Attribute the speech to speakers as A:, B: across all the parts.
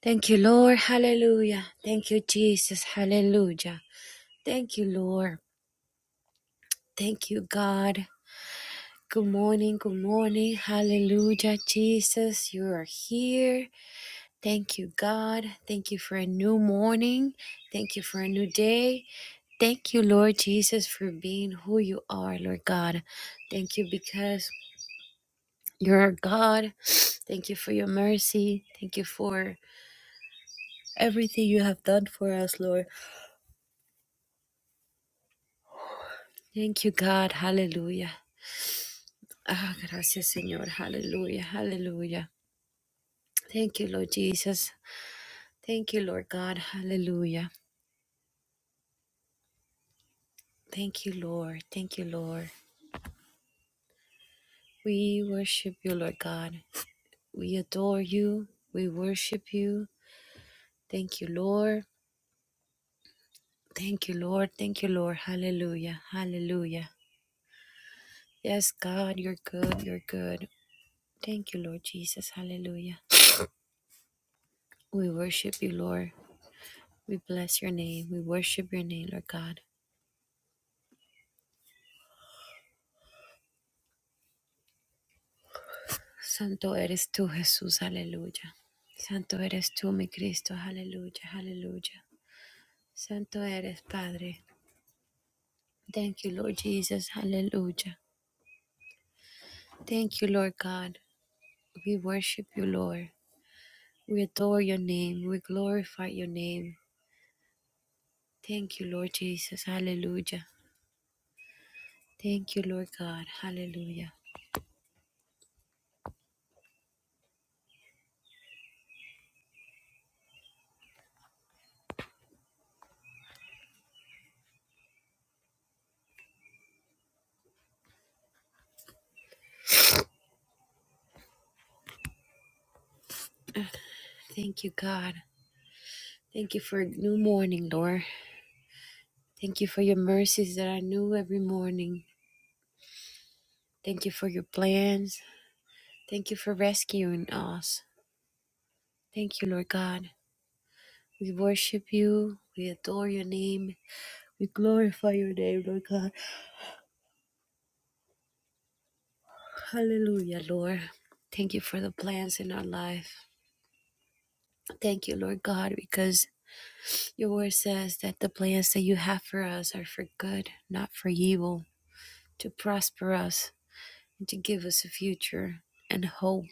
A: Thank you, Lord. Hallelujah. Thank you, Jesus. Hallelujah. Thank you, Lord. Thank you, God. Good morning. Good morning. Hallelujah, Jesus. You are here. Thank you, God. Thank you for a new morning. Thank you for a new day. Thank you, Lord Jesus, for being who you are, Lord God. Thank you because you're God. Thank you for your mercy. Thank you for everything you have done for us, Lord. Thank you, God. Hallelujah. Ah, gracias, Señor. Hallelujah. Hallelujah. Thank you, Lord Jesus. Thank you, Lord God. Hallelujah. Thank you, Lord. Thank you, Lord. We worship you, Lord God. We adore you. We worship you. Thank you, Lord. Thank you, Lord. Thank you, Lord. Hallelujah. Hallelujah. Yes, God, you're good. You're good. Thank you, Lord Jesus. Hallelujah. We worship you, Lord. We bless your name. We worship your name, Lord God. Santo eres tú, Jesús, aleluya. Santo eres tú, mi Cristo, aleluya, hallelujah. Santo eres, Padre. Thank you, Lord Jesus, hallelujah. Thank you, Lord God. We worship you, Lord. We adore your name. We glorify your name. Thank you, Lord Jesus, hallelujah. Thank you, Lord God, hallelujah. Thank you, God. Thank you for a new morning, Lord. Thank you for your mercies that are new every morning. Thank you for your plans. Thank you for rescuing us. Thank you, Lord God. We worship you. We adore your name. We glorify your name, Lord God. Hallelujah, Lord. Thank you for the plans in our life. Thank you, Lord God, because your word says that the plans that you have for us are for good, not for evil, to prosper us and to give us a future and hope.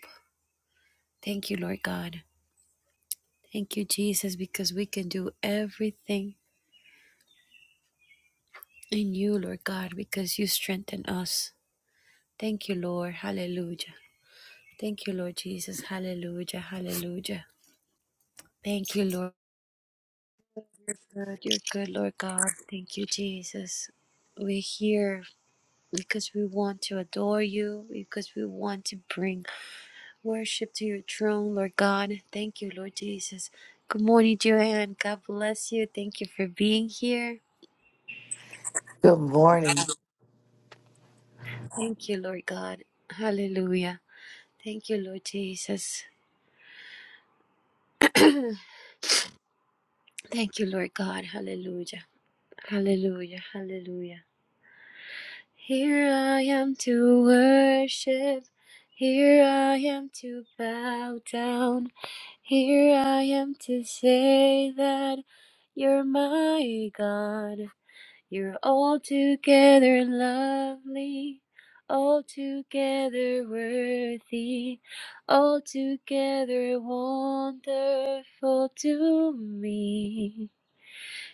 A: Thank you, Lord God. Thank you, Jesus, because we can do everything in you, Lord God, because you strengthen us. Thank you, Lord. Hallelujah. Thank you, Lord Jesus. Hallelujah. Hallelujah. Thank you, Lord. You're good. You're good, Lord God. Thank you, Jesus. We're here because we want to adore you, because we want to bring worship to your throne, Lord God. Thank you, Lord Jesus. Good morning, Joanne. God bless you. Thank you for being here.
B: Good morning.
A: Thank you, Lord God. Hallelujah. Thank you, Lord Jesus. Thank you, Lord God. Hallelujah. Hallelujah, hallelujah. Here I am to worship. Here I am to bow down. Here I am to say that you're my God. You're altogether lovely, altogether worthy, altogether wonderful to me.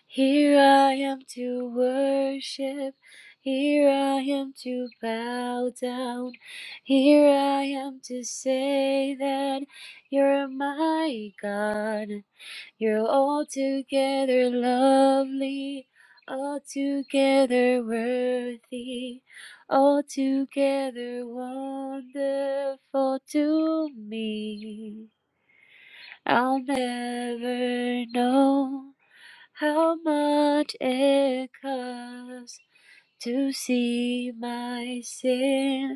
A: Here I am to worship. Here I am to bow down. Here I am to say that you're my God. You're altogether lovely, altogether worthy, altogether wonderful to me. I'll never know. How much it costs to see my sin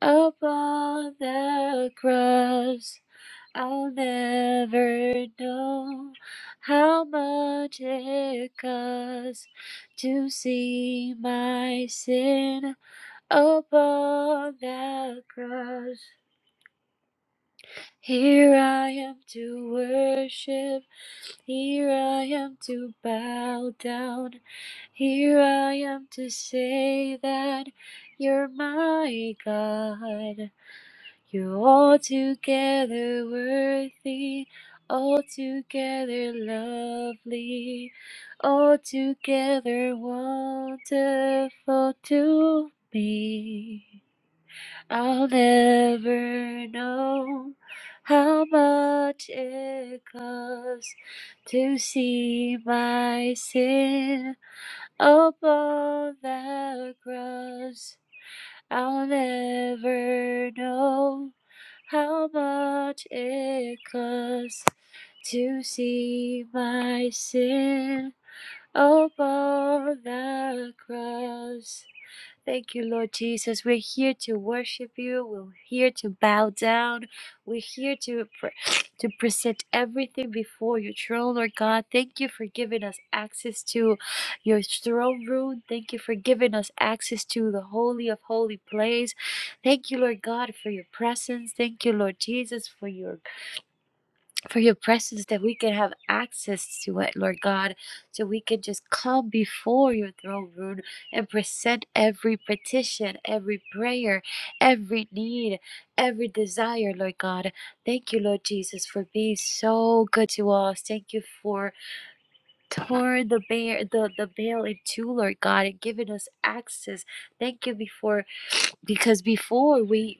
A: upon the cross. I'll never know how much it costs to see my sin upon that cross. Here I am to worship. Here I am to bow down. Here I am to say that you're my God. You're altogether worthy, altogether lovely, altogether wonderful to me. I'll never know how much it costs to see my sin upon the cross. I'll never know how much it costs to see my sin upon the cross. Thank you, Lord Jesus. We're here to worship you. We're here to bow down. We're here to pre- to present everything before your throne, Lord God. Thank you for giving us access to your throne room. Thank you for giving us access to the holy of holy place. Thank you, Lord God, for your presence. Thank you, Lord Jesus, for your for your presence that we can have access to it, Lord God, so we can just come before your throne room and present every petition, every prayer, every need, every desire, Lord God. Thank you, Lord Jesus, for being so good to us. Thank you for torn the bear the, the veil in two, Lord God, and giving us access. Thank you before because before we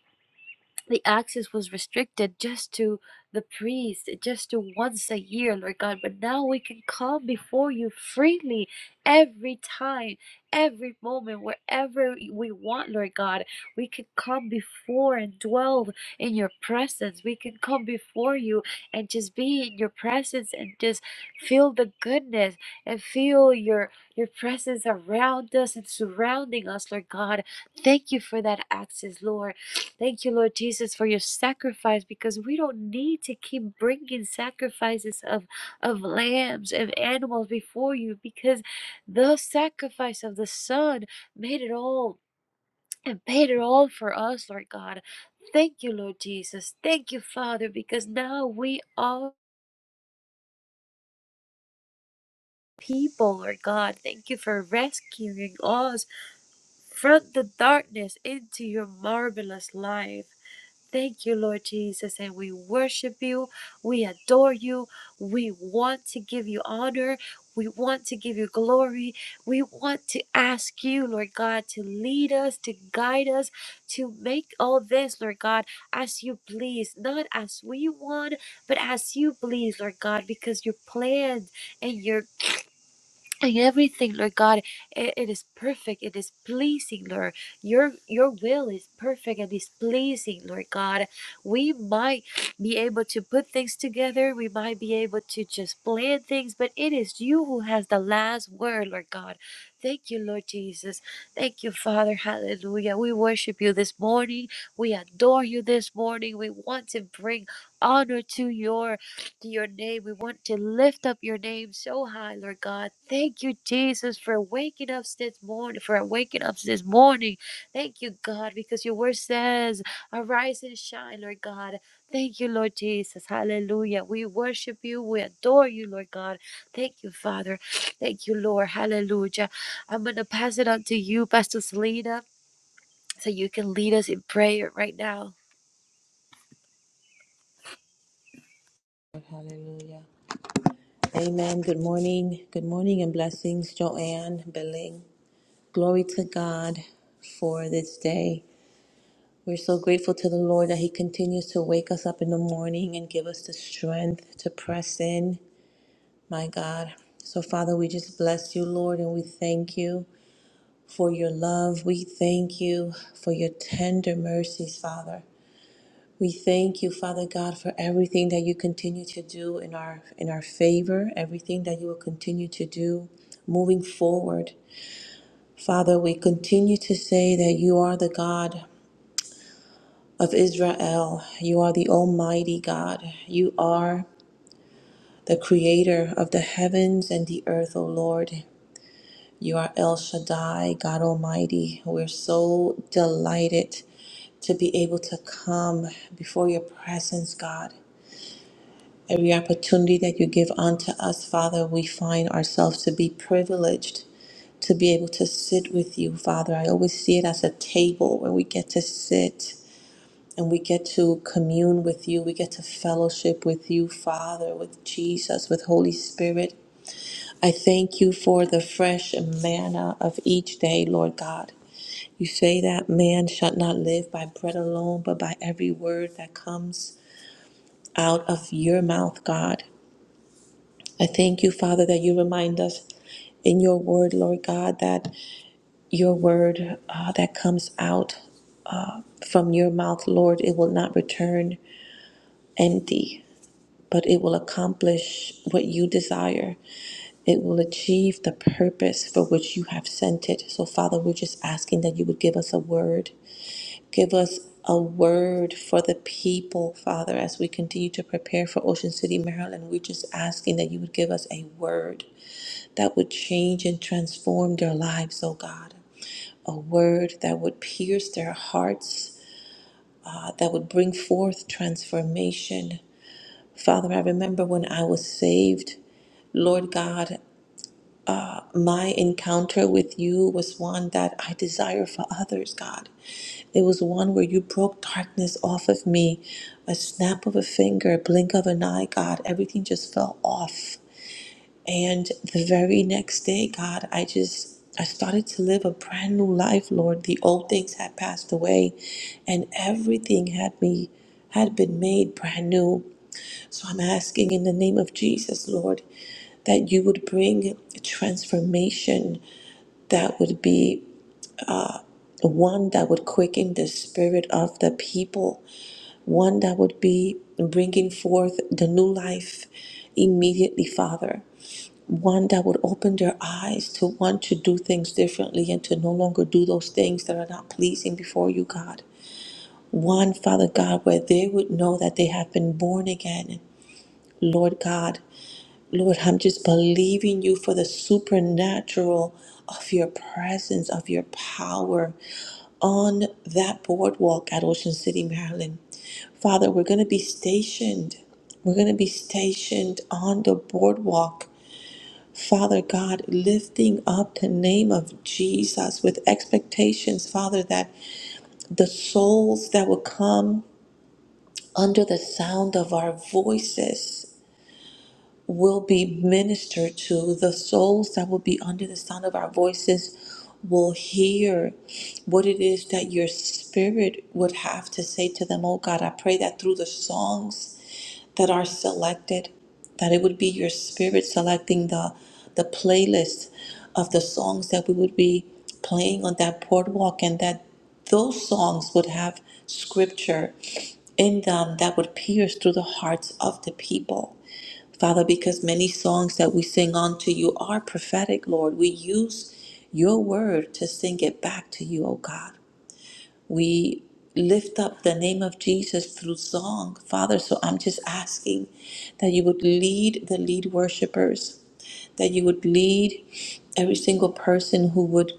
A: the access was restricted just to the priest, just to once a year, Lord God. But now we can come before you freely every time, every moment, wherever we want, Lord God. We can come before and dwell in your presence. We can come before you and just be in your presence and just feel the goodness and feel your your presence around us and surrounding us, Lord God. Thank you for that access, Lord. Thank you, Lord Jesus, for your sacrifice because we don't need to keep bringing sacrifices of, of lambs and animals before you because the sacrifice of the Son made it all and paid it all for us, Lord God. Thank you, Lord Jesus. Thank you, Father, because now we are people, Lord God. Thank you for rescuing us from the darkness into your marvelous life. Thank you, Lord Jesus, and we worship you. We adore you. We want to give you honor. We want to give you glory. We want to ask you, Lord God, to lead us, to guide us, to make all this, Lord God, as you please, not as we want, but as you please, Lord God, because your plan and your in everything, Lord God, i- it is perfect. It is pleasing, Lord. Your your will is perfect and is pleasing, Lord God. We might be able to put things together. We might be able to just plan things, but it is you who has the last word, Lord God. Thank you, Lord Jesus. Thank you, Father. Hallelujah. We worship you this morning. We adore you this morning. We want to bring honor to your to your name. We want to lift up your name so high, Lord God. Thank you, Jesus, for waking us this morning, for waking us this morning. Thank you, God, because your word says, arise and shine, Lord God. Thank you, Lord Jesus. Hallelujah. We worship you. We adore you, Lord God. Thank you, Father. Thank you, Lord. Hallelujah. I'm going to pass it on to you, Pastor Selena, so you can lead us in prayer right now.
C: Hallelujah. Amen. Good morning. Good morning and blessings, Joanne, Beling. Glory to God for this day. We're so grateful to the Lord that He continues to wake us up in the morning and give us the strength to press in. My God. So, Father, we just bless you, Lord, and we thank you for your love. We thank you for your tender mercies, Father. We thank you, Father God, for everything that you continue to do in our in our favor, everything that you will continue to do moving forward. Father, we continue to say that you are the God of Israel. You are the almighty God. You are the creator of the heavens and the earth, O Lord. You are El Shaddai, God Almighty. We're so delighted to be able to come before your presence, God. Every opportunity that you give unto us, Father, we find ourselves to be privileged to be able to sit with you, Father. I always see it as a table where we get to sit and we get to commune with you. We get to fellowship with you, Father, with Jesus, with Holy Spirit. I thank you for the fresh manna of each day, Lord God. You say that man shall not live by bread alone, but by every word that comes out of your mouth, God. I thank you, Father, that you remind us in your word, Lord God, that your word uh, that comes out from your mouth, Lord, it will not return empty, but it will accomplish what you desire. It will achieve the purpose for which you have sent it. So, Father, we're just asking that you would give us a word. Give us a word for the people, Father, as we continue to prepare for Ocean City, Maryland. We're just asking that you would give us a word that would change and transform their lives, oh God. A word that would pierce their hearts, uh, that would bring forth transformation. Father, I remember when I was saved, Lord God, my encounter with you was one that I desire for others, God. It was one where you broke darkness off of me. A snap of a finger, a blink of an eye, God, everything just fell off. And the very next day, God, I just I started to live a brand new life, Lord. The old things had passed away and everything had me had been made brand new. So I'm asking in the name of Jesus, Lord, that you would bring transformation that would be one that would quicken the spirit of the people, one that would be bringing forth the new life immediately, Father one that would open their eyes to want to do things differently and to no longer do those things that are not pleasing before you, God. One, Father God, where they would know that they have been born again, Lord God. Lord, I'm just believing you for the supernatural of your presence, of your power on that boardwalk at Ocean City, Maryland. Father, we're going to be stationed. We're going to be stationed on the boardwalk Father God, lifting up the name of Jesus with expectations, Father, that the souls that will come under the sound of our voices will be ministered to. The souls that will be under the sound of our voices will hear what it is that your spirit would have to say to them. Oh God, I pray that through the songs that are selected, that it would be your spirit selecting the the playlist of the songs that we would be playing on that boardwalk and that those songs would have scripture in them that would pierce through the hearts of the people. Father, because many songs that we sing unto you are prophetic, Lord. We use your word to sing it back to you, O God. We lift up the name of Jesus through song, Father. So I'm just asking that you would lead the lead worshipers, that you would lead every single person who would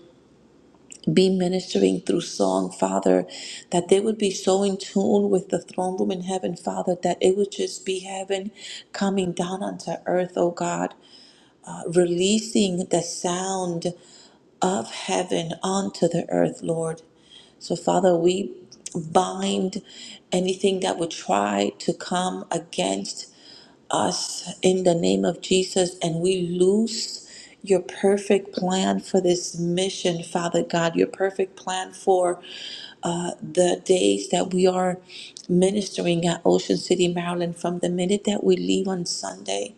C: be ministering through song, Father, that they would be so in tune with the throne room in heaven, Father, that it would just be heaven coming down onto earth, oh God releasing the sound of heaven onto the earth, Lord. So, Father, we bind anything that would try to come against us in the name of Jesus, and we loose your perfect plan for this mission, Father God, your perfect plan for uh, the days that we are ministering at Ocean City, Maryland, from the minute that we leave on Sunday,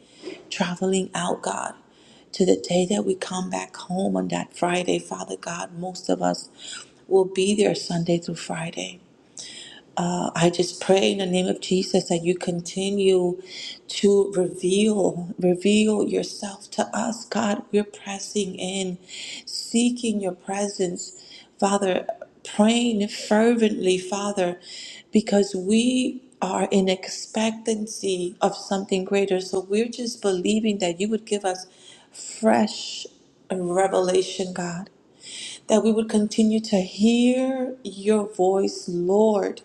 C: traveling out, God, to the day that we come back home on that Friday, Father God, most of us will be there Sunday through Friday. Uh, I just pray in the name of Jesus that you continue to reveal, reveal yourself to us, God. We're pressing in, seeking your presence, Father, praying fervently, Father, because we are in expectancy of something greater. So we're just believing that you would give us fresh revelation, God, that we would continue to hear your voice, Lord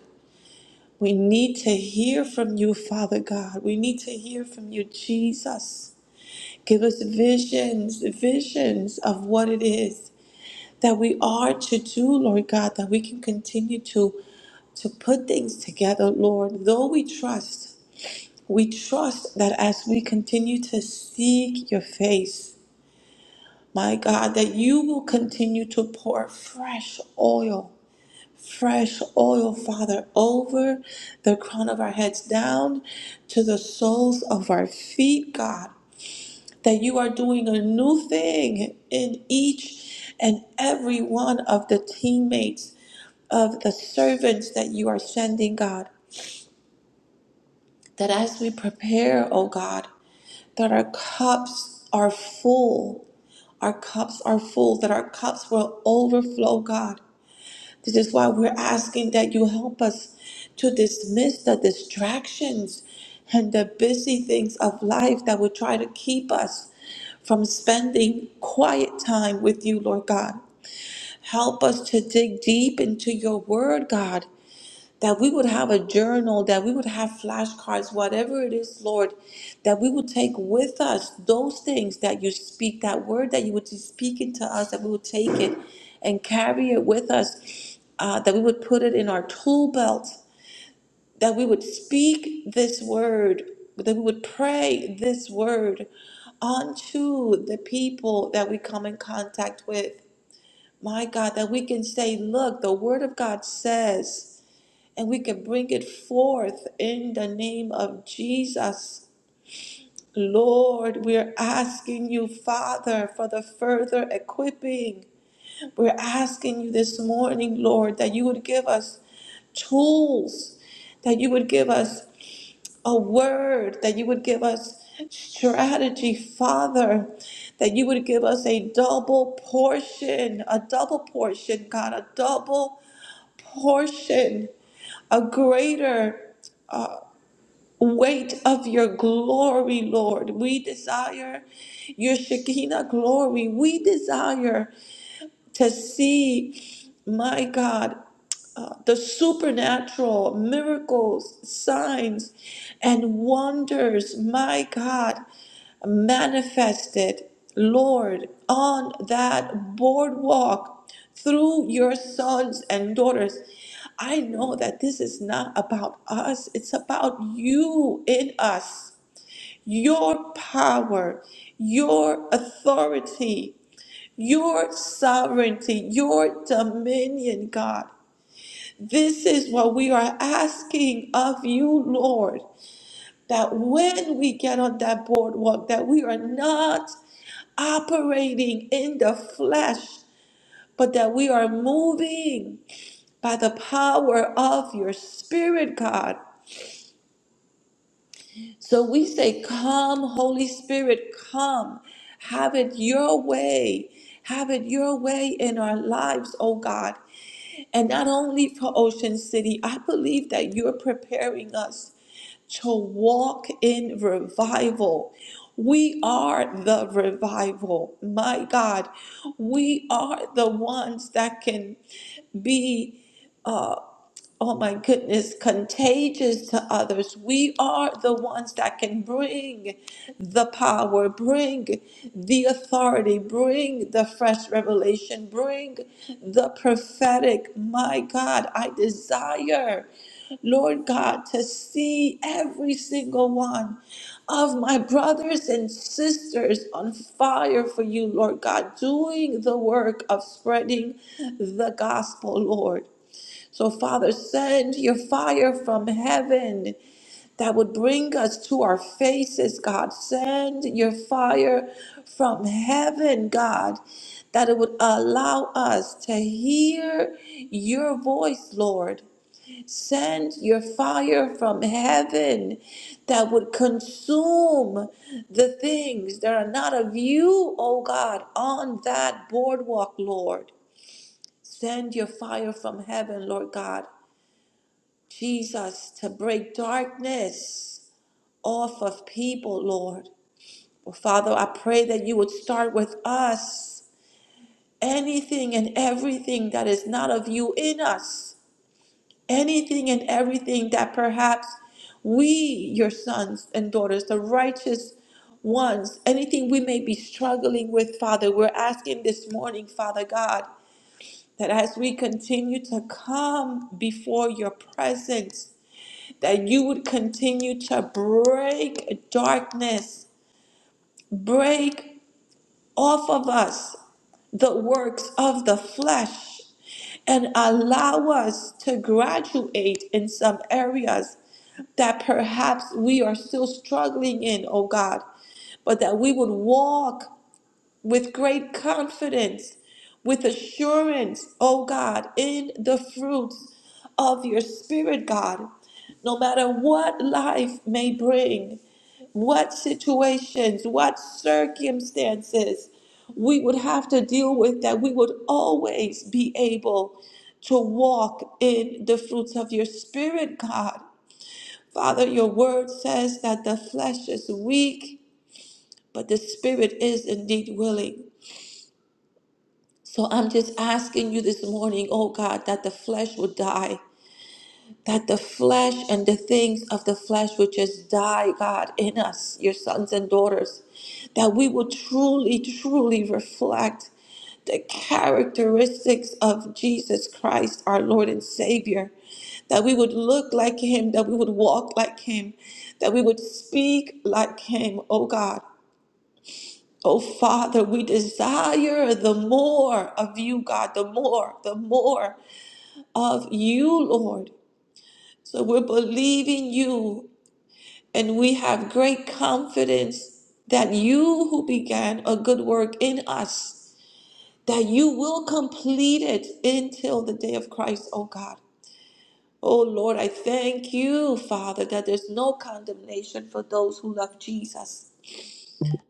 C: we need to hear from you, Father God. We need to hear from you, Jesus. Give us visions, visions of what it is that we are to do, Lord God, that we can continue to to put things together, Lord. Though we trust, we trust that as we continue to seek your face, my God, that you will continue to pour fresh oil fresh oil, Father, over the crown of our heads down to the soles of our feet, God. That you are doing a new thing in each and every one of the teammates of the servants that you are sending, God. That as we prepare, oh God, that our cups are full. Our cups are full, that our cups will overflow, God. This is why we're asking that you help us to dismiss the distractions and the busy things of life that would try to keep us from spending quiet time with you, Lord God. Help us to dig deep into your word, God, that we would have a journal, that we would have flashcards, whatever it is, Lord, that we would take with us those things that you speak, that word that you would be speaking to us, that we would take it and carry it with us, uh, that we would put it in our tool belt, that we would speak this word, that we would pray this word onto the people that we come in contact with. My God, that we can say, look, the word of God says and we can bring it forth in the name of Jesus. Lord, we're asking you, Father, for the further equipping. We're asking you this morning, Lord, that you would give us tools, that you would give us a word, that you would give us strategy, Father, that you would give us a double portion, a double portion, God, a double portion, a greater uh, weight of your glory, Lord. We desire your Shekinah glory. We desire to see, my God, uh, the supernatural miracles, signs, and wonders, my God, manifested, Lord, on that boardwalk through your sons and daughters. I know that this is not about us, it's about you in us, your power, your authority your sovereignty, your dominion, God. This is what we are asking of you, Lord, that when we get on that boardwalk, that we are not operating in the flesh, but that we are moving by the power of your Spirit, God. So we say, Come, Holy Spirit, come. Have it your way. Have it your way in our lives, oh God. And not only for Ocean City, I believe that you're preparing us to walk in revival. We are the revival. My God, we are the ones that can be oh my goodness, contagious to others. We are the ones that can bring the power, bring the authority, bring the fresh revelation, bring the prophetic. My God, I desire, Lord God, to see every single one of my brothers and sisters on fire for you, Lord God, doing the work of spreading the gospel, Lord. So, Father, send your fire from heaven that would bring us to our faces, God. Send your fire from heaven, God, that it would allow us to hear your voice, Lord. Send your fire from heaven that would consume the things that are not of you, oh God, on that boardwalk, Lord. Send your fire from heaven, Lord God Jesus, to break darkness off of people, Lord. Well, Father, I pray that you would start with us. Anything and everything that is not of you in us, anything and everything that perhaps we, your sons and daughters, the righteous ones, anything we may be struggling with, Father, we're asking this morning, Father God, that as we continue to come before your presence, that you would continue to break darkness, break off of us the works of the flesh, and allow us to graduate in some areas that perhaps we are still struggling in, oh God, but that we would walk with great confidence, with assurance, oh God, in the fruits of your Spirit, God. No matter what life may bring, what situations, what circumstances we would have to deal with, that we would always be able to walk in the fruits of your Spirit, God. Father, your word says that the flesh is weak, but the Spirit is indeed willing. So I'm just asking you this morning, oh God, that the flesh would die, that the flesh and the things of the flesh would just die, God, in us, your sons and daughters, that we will truly, truly reflect the characteristics of Jesus Christ, our Lord and Savior, that we would look like Him, that we would walk like Him, that we would speak like Him, oh God. Oh, Father, we desire the more of you, God, the more, the more of you, Lord. So we're believing you, and we have great confidence that you who began a good work in us, that you will complete it until the day of Christ, oh God. Oh Lord, I thank you, Father, that there's no condemnation for those who love Jesus.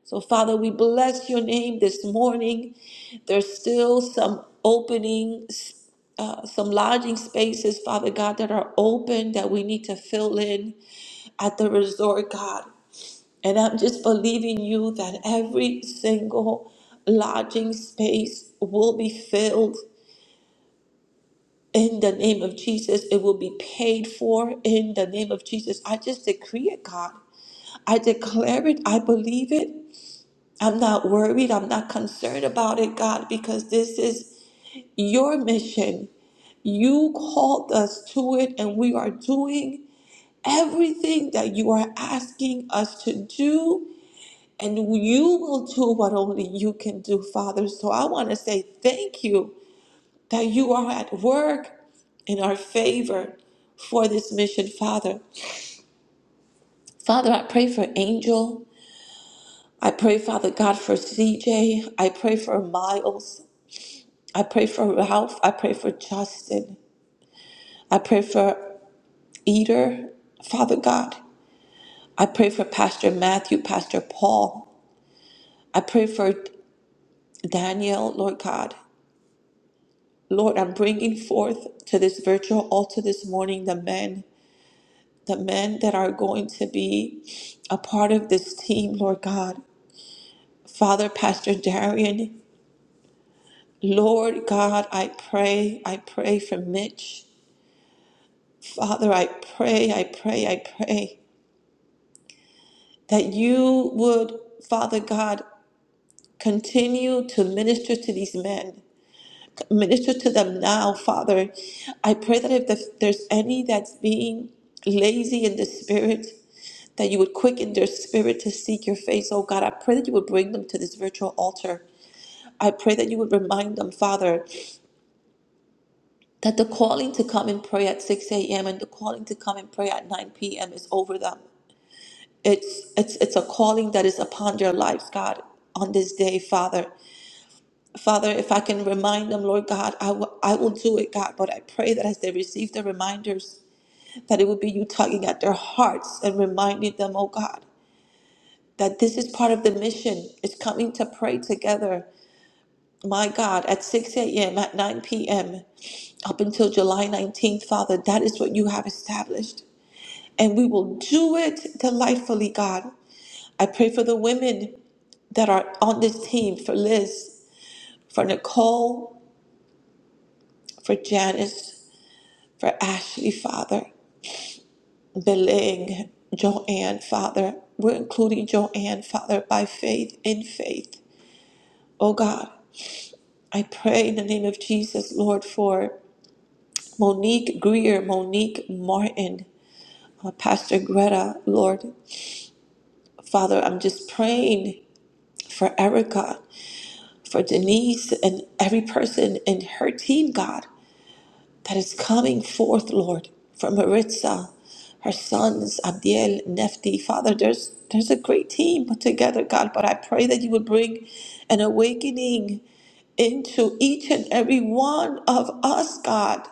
C: So, Father, we bless your name this morning. There's still some openings, uh, some lodging spaces, Father God, that are open that we need to fill in at the resort, God. And I'm just believing you that every single lodging space will be filled in the name of Jesus. It will be paid for in the name of Jesus. I just decree it, God. I declare it. I believe it. I'm not worried. I'm not concerned about it, God, because this is your mission. You called us to it, and we are doing everything that you are asking us to do. And you will do what only you can do, Father. So I want to say thank you that you are at work in our favor for this mission, Father. Father, I pray for Angel. I pray, Father God, for CJ. I pray for Miles. I pray for Ralph. I pray for Justin. I pray for Eater, Father God. I pray for Pastor Matthew, Pastor Paul. I pray for Daniel, Lord God. Lord, I'm bringing forth to this virtual altar this morning the men, the men that are going to be a part of this team, Lord God. Father, Pastor Darian, Lord God, I pray, I pray for Mitch. Father, I pray, I pray, I pray. that you would, Father God, continue to minister to these men. Minister to them now, Father. I pray that if the- there's any that's being lazy in the spirit, that you would quicken their spirit to seek your face, oh God. I pray that you would bring them to this virtual altar. I pray that you would remind them, Father, that the calling to come and pray at 6 a.m. and the calling to come and pray at 9 p.m. is over them. It's it's it's a calling that is upon their lives, God, on this day, Father. Father, if I can remind them, Lord God, I will I will do it, God. But I pray that as they receive the reminders, that it would be you tugging at their hearts and reminding them, oh God, that this is part of the mission. It's coming to pray together, my God, at 6 a.m., at 9 p.m., up until July 19th, Father. That is what you have established. And we will do it delightfully, God. I pray for the women that are on this team, for Liz, for Nicole, for Janice. for Ashley, Father, Beling, Joanne, Father. We're including Joanne, Father, by faith, in faith. Oh God, I pray in the name of Jesus, Lord, for Monique Greer, Monique Martin, uh, Pastor Greta, Lord. Father, I'm just praying for Erica, for Denise, and every person in her team, God. that is coming forth, Lord, from Maritza, her sons, Abdiel, Nefti. Father, there's there's a great team put together, God, but I pray that you would bring an awakening into each and every one of us, God,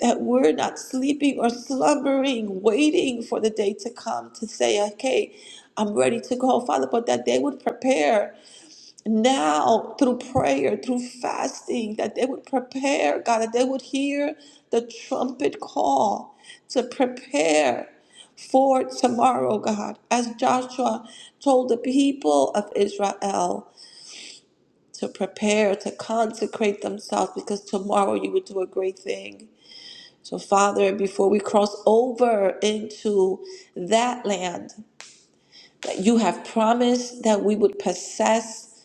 C: that we're not sleeping or slumbering, waiting for the day to come to say, okay, I'm ready to go, Father, but that they would prepare now through prayer, through fasting, that they would prepare, God, that they would hear the trumpet call to prepare for tomorrow, God, as Joshua told the people of Israel to prepare, to consecrate themselves, because tomorrow you would do a great thing. So, Father, before we cross over into that land that you have promised that we would possess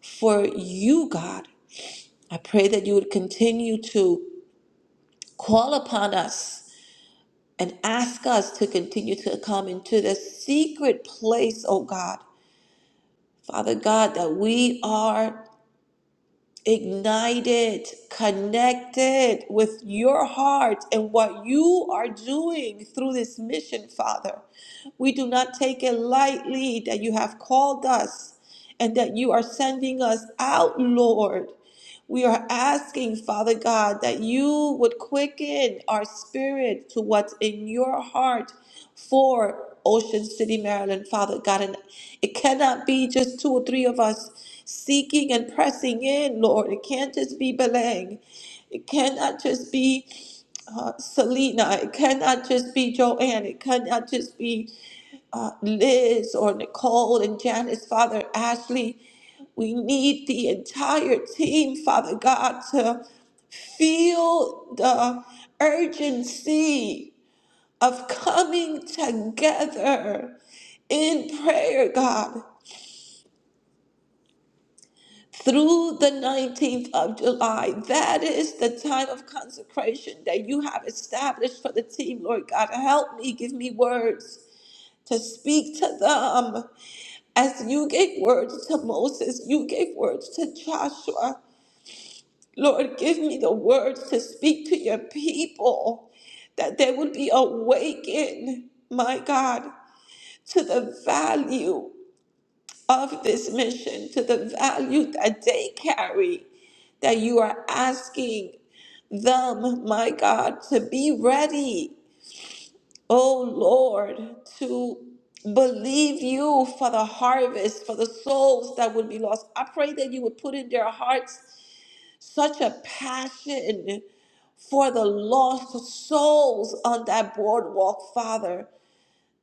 C: for you, God. I pray that you would continue to call upon us and ask us to continue to come into the secret place, oh God. Father God, that we are ignited, connected with your heart and what you are doing through this mission, Father. We do not take it lightly that you have called us and that you are sending us out, Lord. We are asking, Father God, that you would quicken our spirit to what's in your heart for Ocean City, Maryland, Father God. And it cannot be just two or three of us seeking and pressing in, Lord. It can't just be Beleng. It cannot just be uh, Selena. It cannot just be Joanne. It cannot just be uh, Liz or Nicole and Janice, Father Ashley. We need the entire team, Father God, to feel the urgency of coming together in prayer, God, through the 19th of July. That is the time of consecration that you have established for the team, Lord God. Help me, give me words to speak to them As you gave words to Moses, you gave words to Joshua. Lord, give me the words to speak to your people that they would be awakened, my God, to the value of this mission, to the value that they carry, that you are asking them, my God, to be ready oh Lord, to believe you for the harvest, for the souls that would be lost. I pray that you would put in their hearts such a passion for the lost souls on that boardwalk, Father.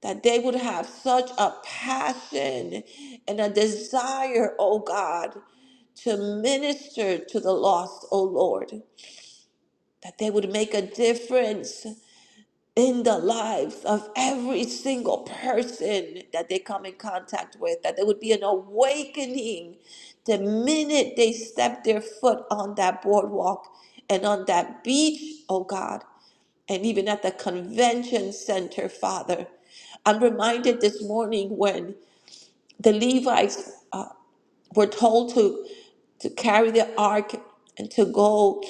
C: That they would have such a passion and a desire, oh God, to minister to the lost, oh Lord. That they would make a difference in the lives of every single person that they come in contact with, that there would be an awakening the minute they step their foot on that boardwalk and on that beach, oh God, and even at the convention center, Father. I'm reminded this morning when the Levites uh, were told to to carry the ark and to go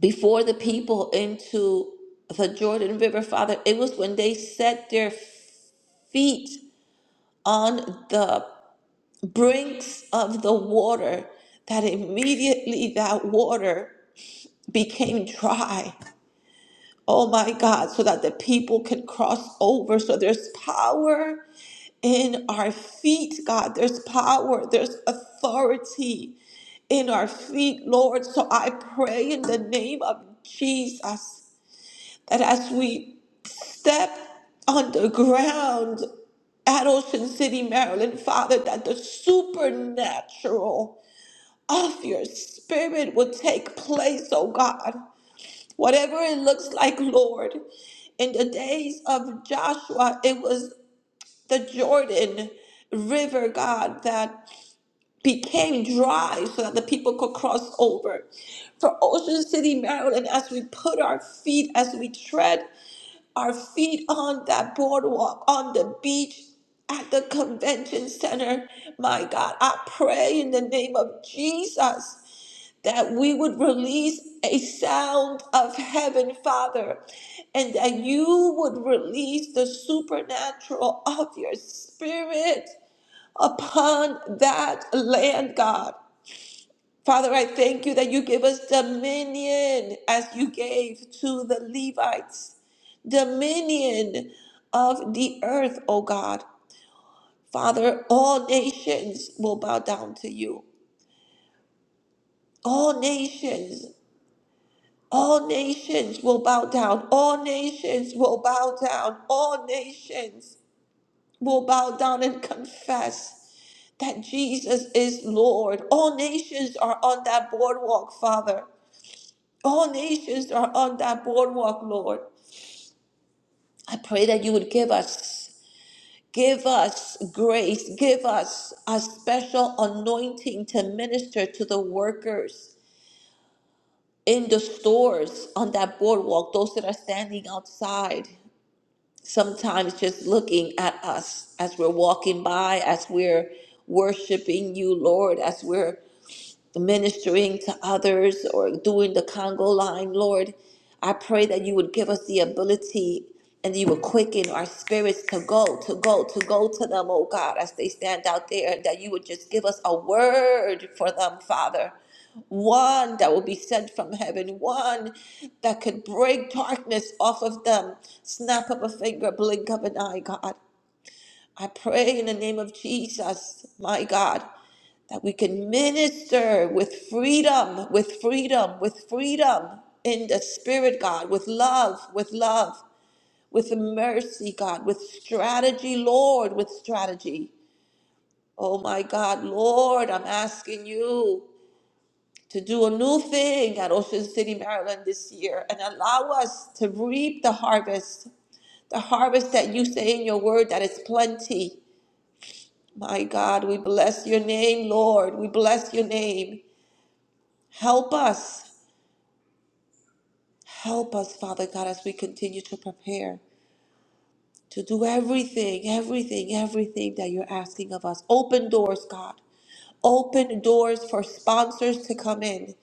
C: before the people into the Jordan River, Father, it was when they set their feet on the brinks of the water that immediately that water became dry. Oh my God, so that the people can cross over. So there's power in our feet, God. There's power, there's authority in our feet, Lord. So I pray in the name of Jesus that as we step on the ground at Ocean City, Maryland, Father, that the supernatural of your spirit will take place, oh God. Whatever it looks like, Lord. In the days of Joshua, it was the Jordan River, God, that became dry so that the people could cross over. For Ocean City, Maryland, as we put our feet, as we tread, our feet on that boardwalk, on the beach, at the convention center. My God, I pray in the name of Jesus that we would release a sound of heaven, Father, and that you would release the supernatural of your spirit upon that land, God. Father, I thank you that you give us dominion as you gave to the Levites, dominion of the earth, O God. Father, all nations will bow down to you. All nations, all nations will bow down. All nations will bow down. All nations will bow down and confess that Jesus is Lord. All nations are on that boardwalk, Father. All nations are on that boardwalk, Lord. I pray that you would give us, give us grace, give us a special anointing to minister to the workers in the stores on that boardwalk, those that are standing outside, sometimes just looking at us as we're walking by, as we're worshiping you, Lord, as we're ministering to others or doing the Congo line, Lord. I pray that you would give us the ability and you would quicken our spirits to go, to go, to go to them, oh God, as they stand out there, that you would just give us a word for them, Father. One that will be sent from heaven, one that could break darkness off of them. Snap of a finger, blink of an eye, God. I pray in the name of Jesus, my God, that we can minister with freedom, with freedom, with freedom in the Spirit, God, with love, with love, with mercy, God, with strategy, Lord, with strategy. Oh my God, Lord, I'm asking you to do a new thing at Ocean City, Maryland this year and allow us to reap the harvest, the harvest that you say in your word that is plenty. My God, we bless your name, Lord. We bless your name. Help us. Help us, Father God, as we continue to prepare to do everything, everything, everything that you're asking of us. Open doors, God. Open doors for sponsors to come in.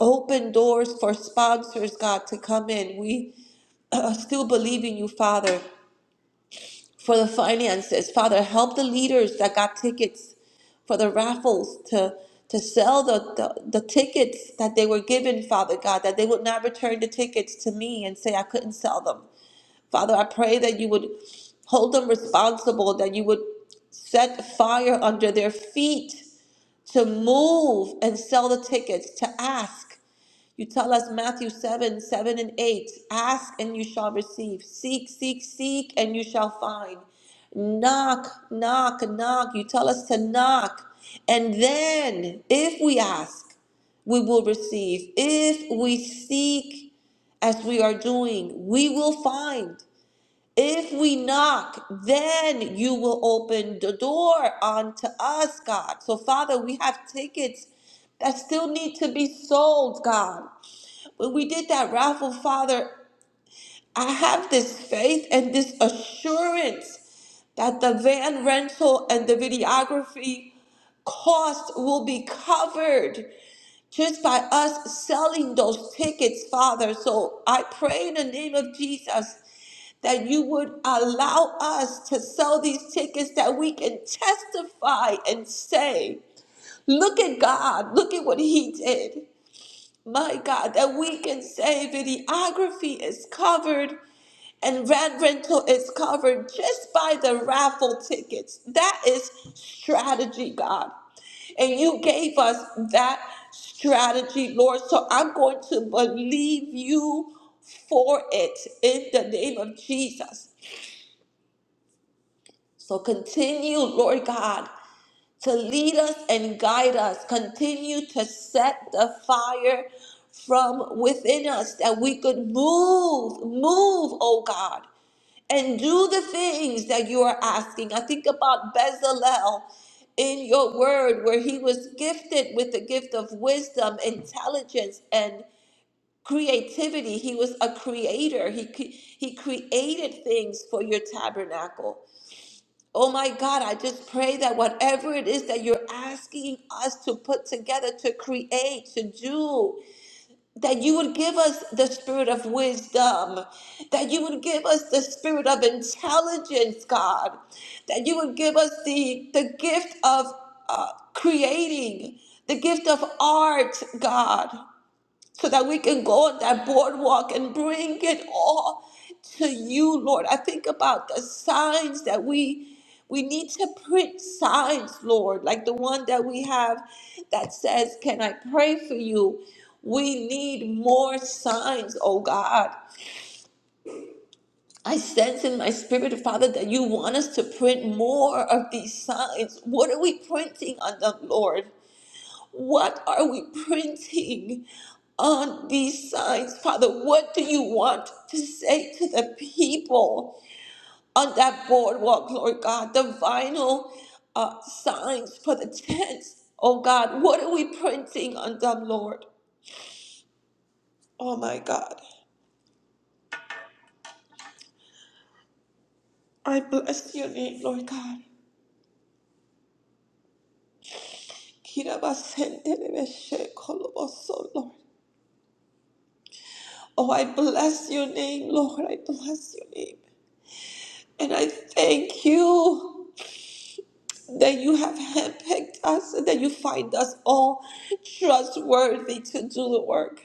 C: Open doors for sponsors, God, to come in. We uh, still believe in you, Father, for the finances. Father, help the leaders that got tickets for the raffles to to sell the, the, the tickets that they were given, Father God, that they would not return the tickets to me and say I couldn't sell them. Father, I pray that you would hold them responsible, that you would set fire under their feet to move and sell the tickets, to ask. You tell us Matthew 7 7 and 8 ask and you shall receive, seek, seek, seek, and you shall find. Knock, knock, knock. You tell us to knock. And then, if we ask, we will receive. If we seek, as we are doing, we will find. If we knock, then you will open the door unto us, God. So, Father, we have tickets that still need to be sold, God. When we did that raffle, Father, I have this faith and this assurance that the van rental and the videography cost will be covered just by us selling those tickets, Father. So I pray in the name of Jesus that you would allow us to sell these tickets that we can testify and say, look at God, look at what He did. My God, that we can say videography is covered and van rental is covered just by the raffle tickets. That is strategy, God. And you gave us that strategy, Lord. So I'm going to believe you for it in the name of Jesus. So continue, Lord God, to lead us and guide us. Continue to set the fire from within us that we could move, move, oh God, and do the things that you are asking. I think about Bezalel in your word, where he was gifted with the gift of wisdom, intelligence, and creativity. He was a creator. He cre- he created things for your tabernacle. Oh my God, I just pray that whatever it is that you're asking us to put together, to create, to do, that you would give us the spirit of wisdom, that you would give us the spirit of intelligence, God, that you would give us the, the gift of uh, creating, the gift of art, God so that we can go on that boardwalk and bring it all to you, Lord. I think about the signs that we we need to print signs, Lord, like the one that we have that says, "Can I pray for you?" We need more signs, oh God. I sense in my spirit, Father, that you want us to print more of these signs. What are we printing on them, Lord? What are we printing on these signs, Father? What do you want to say to the people on that boardwalk, Lord God? The vinyl uh, signs for the tents, oh God. What are we printing on them, Lord? Oh my God. I bless your name, Lord God. Kirabasentelebesekoloboso, Lord. Oh, I bless your name, Lord. I bless your name. And I thank you. that you have handpicked us and that you find us all trustworthy to do the work.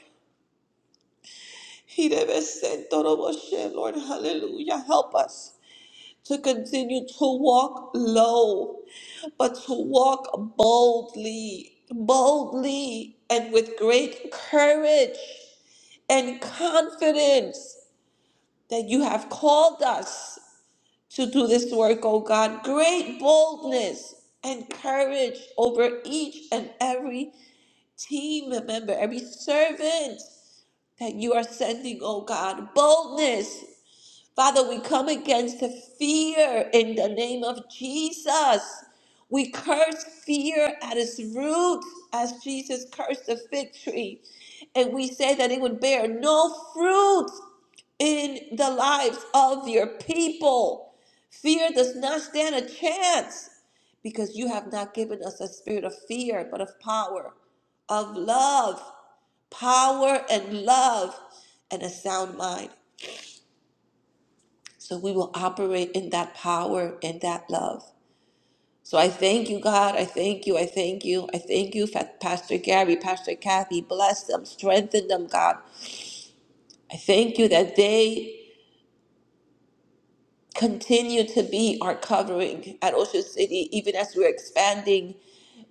C: Lord, hallelujah. Help us to continue to walk low, but to walk boldly, boldly, and with great courage and confidence that you have called us to do this work, oh God. Great boldness and courage over each and every team member, every servant that you are sending, oh God. Boldness Father, we come against the fear in the name of Jesus. We curse fear at its root as Jesus cursed the fig tree. And we say that it would bear no fruit in the lives of your people. Fear does not stand a chance because you have not given us a spirit of fear, but of power, of love, power and love, and a sound mind. So we will operate in that power and that love. So I thank you, God. I thank you. I thank you. I thank you, Fa- Pastor Gary, Pastor Kathy. Bless them, strengthen them, God. I thank you that they continue to be our covering at Ocean City, even as we're expanding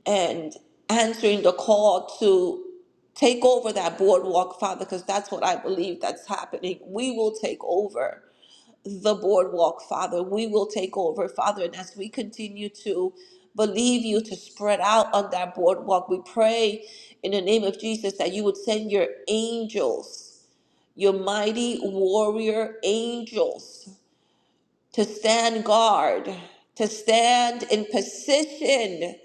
C: and answering the call to take over that boardwalk, Father, because that's what I believe that's happening. We will take over. the boardwalk, Father. We will take over, Father. And as we continue to believe you to spread out on that boardwalk, we pray in the name of Jesus that you would send your angels, your mighty warrior angels, to stand guard, to stand in position,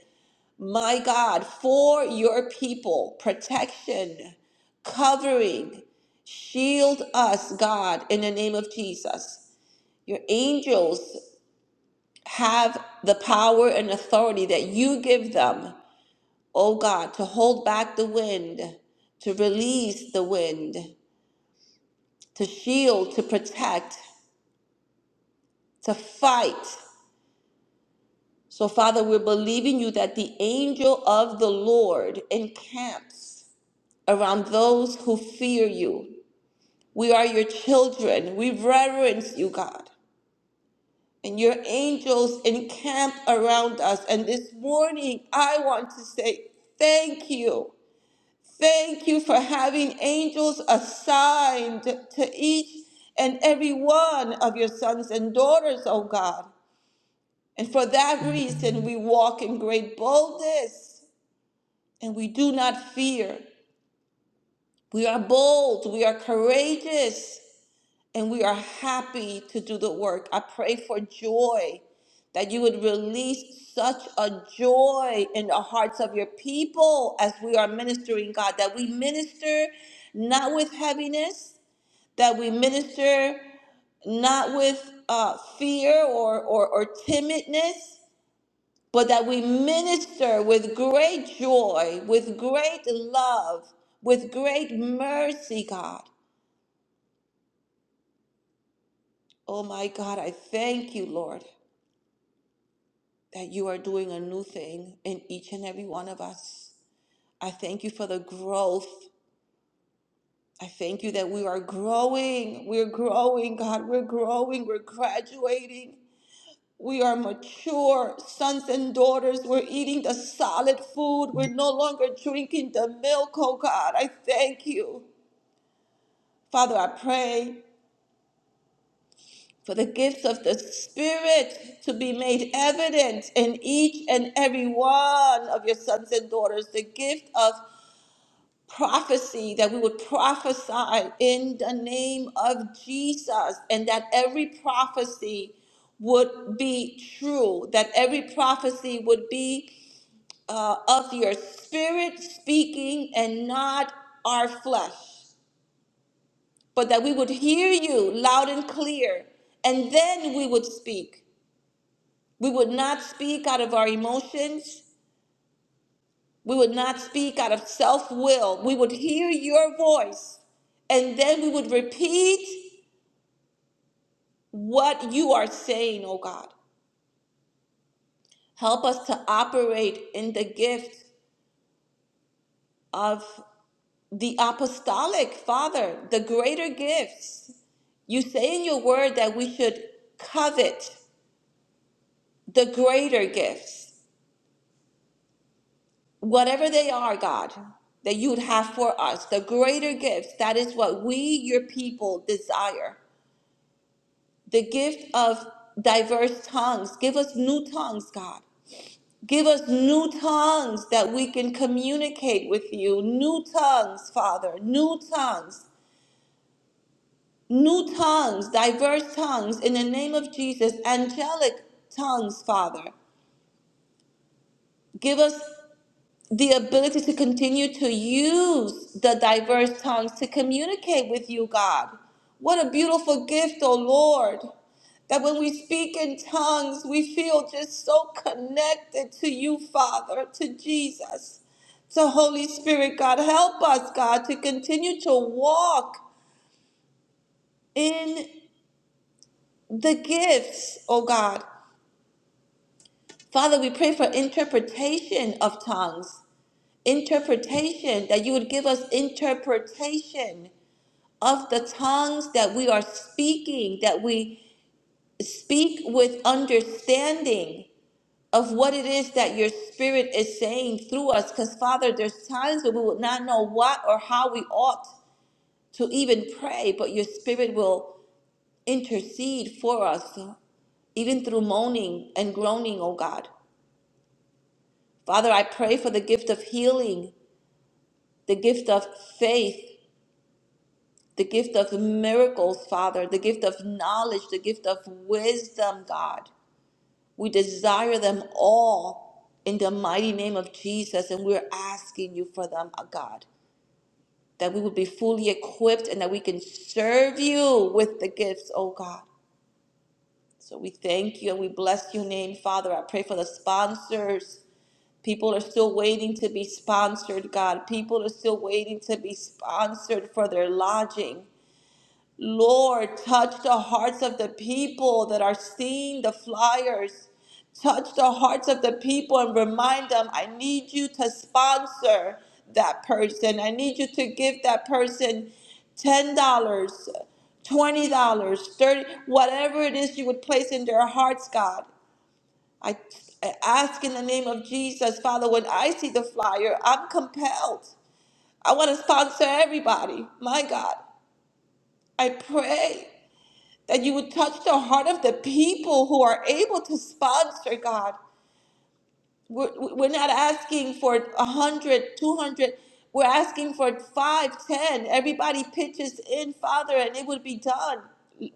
C: my God, for your people, protection, covering. Shield us, God, in the name of Jesus. Your angels have the power and authority that you give them, oh God, to hold back the wind, to release the wind, to shield, to protect, to fight. So, Father, we're believing you that the angel of the Lord encamps around those who fear you. We are your children. We reverence you, God. And your angels encamp around us. And this morning, I want to say thank you. Thank you for having angels assigned to each and every one of your sons and daughters, oh God. And for that reason, we walk in great boldness and we do not fear. We are bold, we are courageous, and we are happy to do the work. I pray for joy, that you would release such a joy in the hearts of your people as we are ministering, God, that we minister not with heaviness, that we minister not with uh, fear or, or, or timidness, but that we minister with great joy, with great love, with great mercy, God. Oh my God, I thank you, Lord. that you are doing a new thing in each and every one of us. I thank you for the growth. I thank you that we are growing. We're growing, God. We're growing. We're graduating. We are mature sons and daughters. We're eating the solid food. We're no longer drinking the milk, oh God. I thank you. Father, I pray for the gifts of the Spirit to be made evident in each and every one of your sons and daughters. The gift of prophecy that we would prophesy in the name of Jesus and that every prophecy would be true, that every prophecy would be uh, of your spirit speaking and not our flesh, but that we would hear you loud and clear and then we would speak. We would not speak out of our emotions. We would not speak out of self will. We would hear your voice and then we would repeat what you are saying, oh God. Help us to operate in the gift of the apostolic, Father, the greater gifts. You say in your word that we should covet the greater gifts, whatever they are, God, that you would have for us, the greater gifts. That is what we, your people, desire. the gift of diverse tongues. Give us new tongues, God. Give us new tongues that we can communicate with you. New tongues, Father. New tongues. New tongues, diverse tongues in the name of Jesus. Angelic tongues, Father. Give us the ability to continue to use the diverse tongues to communicate with you, God. What a beautiful gift, oh Lord. That when we speak in tongues, we feel just so connected to you, Father, to Jesus, to Holy Spirit, God. Help us, God, to continue to walk in the gifts, oh God. Father, we pray for interpretation of tongues. interpretation, that you would give us interpretation of the tongues that we are speaking, that we speak with understanding of what it is that your spirit is saying through us. Because, Father, there's times when we will not know what or how we ought to even pray, but your spirit will intercede for us, even through moaning and groaning, oh God. Father, I pray for the gift of healing, the gift of faith, the gift of miracles, Father, the gift of knowledge, the gift of wisdom, God. We desire them all in the mighty name of Jesus, and we're asking you for them, uh, God, that we would be fully equipped and that we can serve you with the gifts, oh God. So we thank you and we bless your name, Father. I pray for the sponsors. People are still waiting to be sponsored, God. People are still waiting to be sponsored for their lodging. Lord, touch the hearts of the people that are seeing the flyers. Touch the hearts of the people and remind them, I need you to sponsor that person. I need you to give that person $10, dollars, $20, dollars, 30, whatever it is you would place in their hearts, God. I, I ask in the name of Jesus, Father, when I see the flyer, I'm compelled. I want to sponsor everybody. My God, I pray that you would touch the heart of the people who are able to sponsor god we're, we're not asking for 100 200 we're asking for 5, 10. everybody pitches in father and it would be done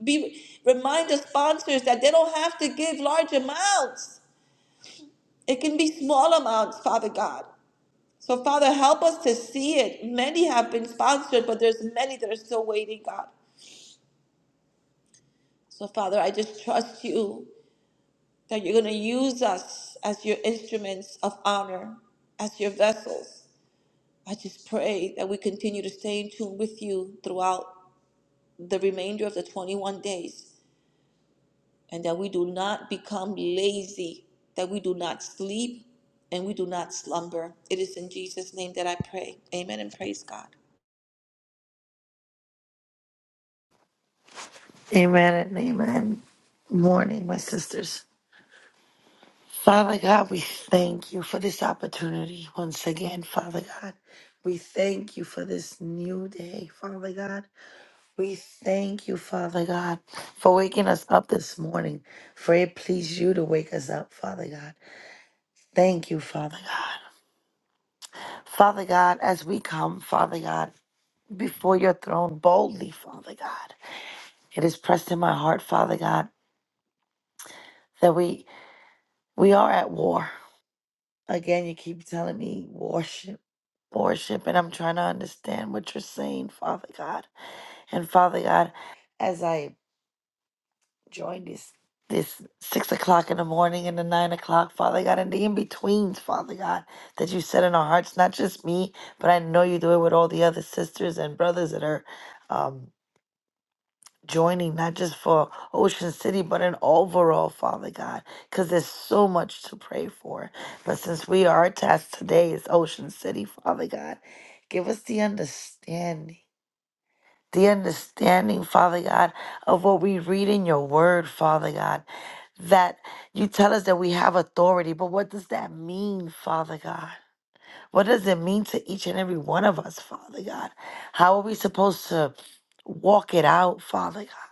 C: be remind the sponsors that they don't have to give large amounts it can be small amounts father god so father help us to see it many have been sponsored but there's many that are still waiting god so father i just trust you that you're going to use us as your instruments of honor, as your vessels. I just pray that we continue to stay in tune with you throughout the remainder of the 21 days and that we do not become lazy, that we do not sleep, and we do not slumber. It is in Jesus' name that I pray. Amen and praise God.
B: Amen and amen. Morning, my sisters. Father God, we thank you for this opportunity once again, Father God. We thank you for this new day, Father God. We thank you, Father God, for waking us up this morning, for it pleased you to wake us up, Father God. Thank you, Father God. Father God, as we come, Father God, before your throne boldly, Father God, it is pressed in my heart, Father God, that we We are at war. Again, you keep telling me worship, worship, and I'm trying to understand what you're saying, Father God. And Father God, as I join this this six o'clock in the morning and the nine o'clock, Father God, and the in-betweens, Father God, that you set in our hearts, not just me, but I know you do it with all the other sisters and brothers that are um joining, not just for Ocean City, but an overall, Father God, because there's so much to pray for. But since we are tasked today is Ocean City, Father God, give us the understanding. The understanding, Father God, of what we read in your word, Father God, that you tell us that we have authority, but what does that mean, Father God? What does it mean to each and every one of us, Father God? How are we supposed to walk it out, Father God?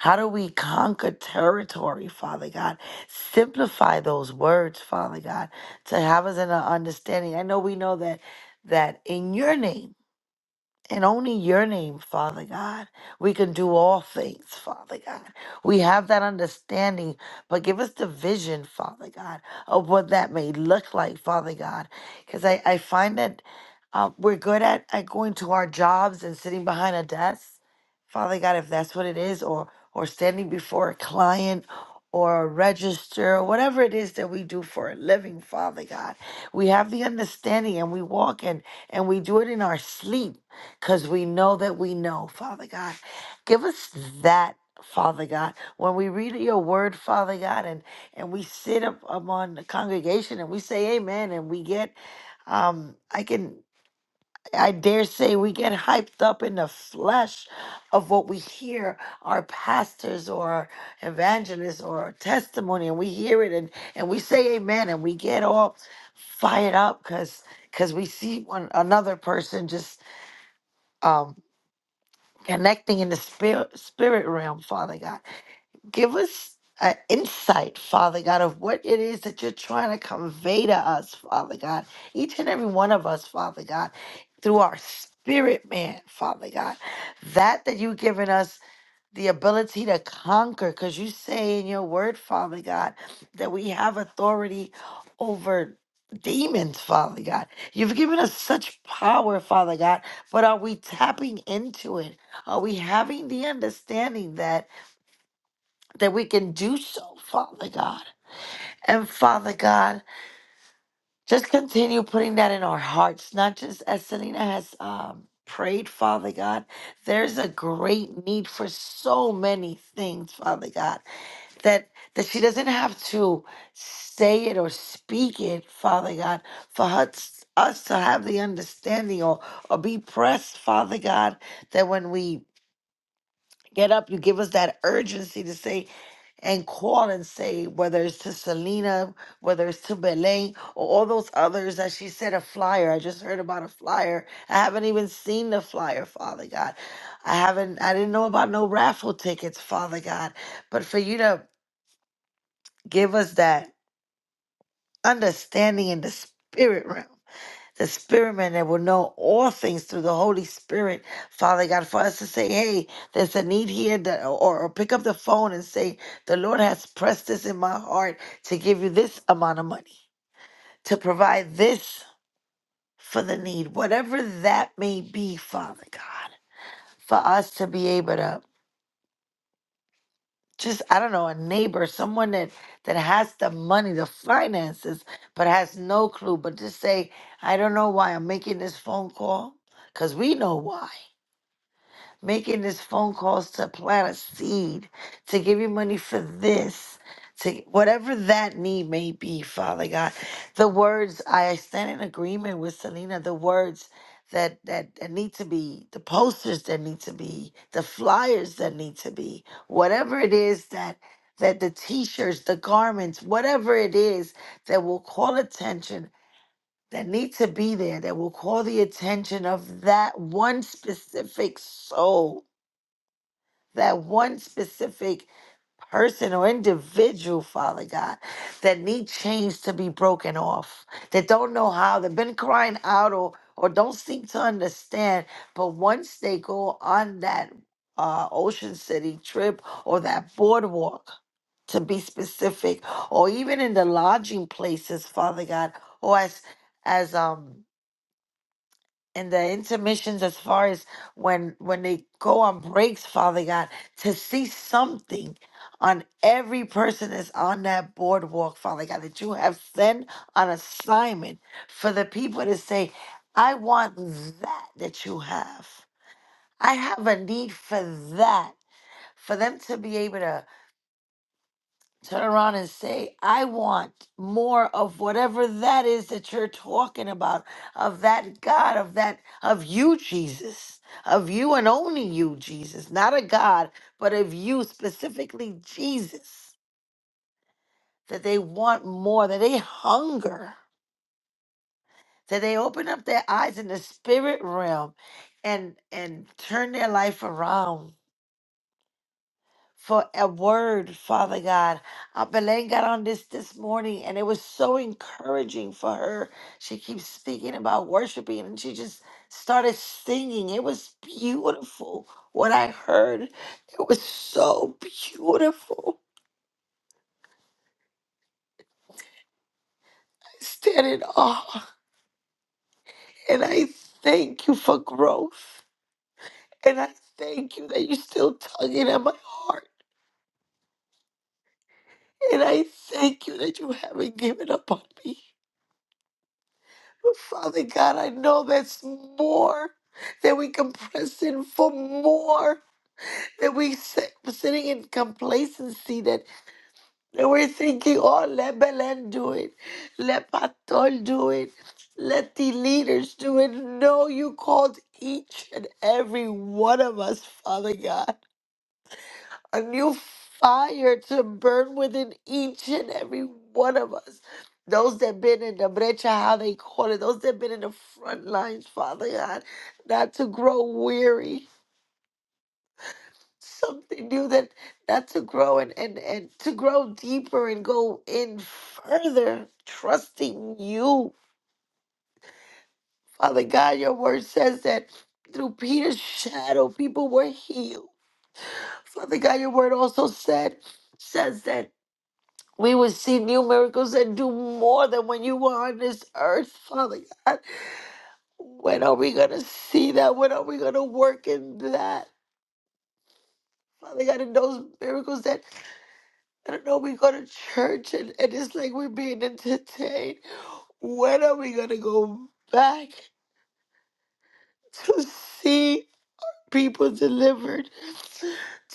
B: How do we conquer territory, Father God? Simplify those words, Father God, to have us in an understanding. I know we know that that in your name and only your name, Father God, we can do all things, Father God. We have that understanding, but give us the vision, Father God, of what that may look like, Father God. Because I, I find that uh, we're good at, at going to our jobs and sitting behind a desk, Father God, if that's what it is, or or standing before a client or a register or whatever it is that we do for a living, Father God. We have the understanding and we walk and and we do it in our sleep because we know that we know, Father God. Give us that, Father God. When we read your word, Father God, and, and we sit up among the congregation and we say amen, and we get, um, I can. I dare say we get hyped up in the flesh of what we hear our pastors or our evangelists or our testimony, and we hear it and, and we say amen and we get all fired up because because we see one another person just um, connecting in the spirit, spirit realm, Father God. Give us an insight, Father God, of what it is that you're trying to convey to us, Father God. Each and every one of us, Father God, through our spirit man, Father God. That that you've given us the ability to conquer because you say in your word father god that we have authority over demons father god you've given us such power father god but are we tapping into it are we having the understanding that that we can do so father god and father god just continue putting that in our hearts not just as selena has um prayed father god there's a great need for so many things father god that that she doesn't have to say it or speak it, Father God, for her, t- us to have the understanding or or be pressed, Father God, that when we get up, you give us that urgency to say and call and say whether it's to Selena, whether it's to Belay, or all those others that she said a flyer. I just heard about a flyer. I haven't even seen the flyer, Father God. I haven't I didn't know about no raffle tickets, Father God. But for you to Give us that understanding in the spirit realm, the spirit man that will know all things through the Holy Spirit, Father God, for us to say, hey, there's a need here, that, or, or pick up the phone and say, the Lord has pressed this in my heart to give you this amount of money, to provide this for the need, whatever that may be, Father God, for us to be able to just I don't know a neighbor, someone that that has the money, the finances, but has no clue. But just say, I don't know why I'm making this phone call, cause we know why making these phone calls to plant a seed, to give you money for this, to whatever that need may be, Father God. The words I stand in agreement with Selena, the words that, that that need to be, the posters that need to be, the flyers that need to be, whatever it is that that the t-shirts, the garments, whatever it is that will call attention that need to be there, that will call the attention of that one specific soul that one specific person or individual, Father God, that need chains to be broken off, that don't know how, they've been crying out or or don't seem to understand. But once they go on that uh, Ocean City trip or that boardwalk, to be specific, or even in the lodging places, Father God, or as as um and the intermissions as far as when when they go on breaks father god to see something on every person that's on that boardwalk father god that you have sent on assignment for the people to say i want that that you have i have a need for that for them to be able to turn around and say, I want more of whatever that is that you're talking about, of that God, of that, of you, Jesus, of you and only you, Jesus, not a God, but of you specifically, Jesus, that they want more, that they hunger, that they open up their eyes in the spirit realm and and turn their life around for a word, Father God. Uh, Belen got on this this morning and it was so encouraging for her. She keeps speaking about worshiping and she just started singing. It was beautiful. What I heard, it was so beautiful. I stand in awe and I thank you for growth. And I thank you that you're still tugging at my heart. And I thank you that you haven't given up on me. Oh, Father God, I know that's more that we can press in for more that we sit, sitting in complacency that, that we're thinking, oh, let Belen do it, let Patol do it, let the leaders do it. No, you called each and every one of us, Father God a new fire to burn within each and every one of us. Those that been in the brecha, how they call it, those that been in the front lines, Father God, not to grow weary. Something new that not to grow and, and, and to grow deeper and go in further, trusting you. Father God, your word says that through Peter's shadow, people were healed. Father God, your word also said says that We would see new miracles and do more than when you were on this earth, Father God. When are we going to see that? When are we going to work in that? Father God, in those miracles that I don't know, we go to church and, and it's like we're being entertained. When are we going to go back to see people delivered,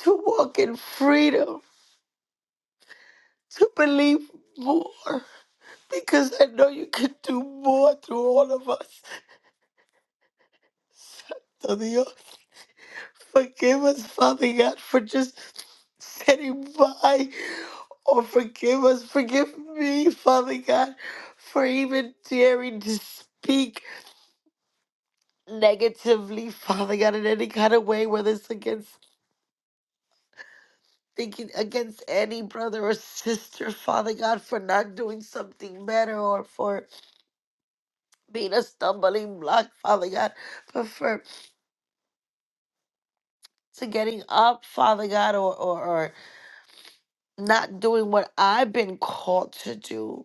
B: to walk in freedom, to believe more? Because I know you can do more through all of us. Forgive us, Father God, for just sitting by. Or forgive us. Forgive me, Father God, for even daring to speak negatively, Father God, in any kind of way, whether it's against thinking against any brother or sister, Father God, for not doing something better or for being a stumbling block, Father God, but for to getting up, Father God, or or, or not doing what I've been called to do.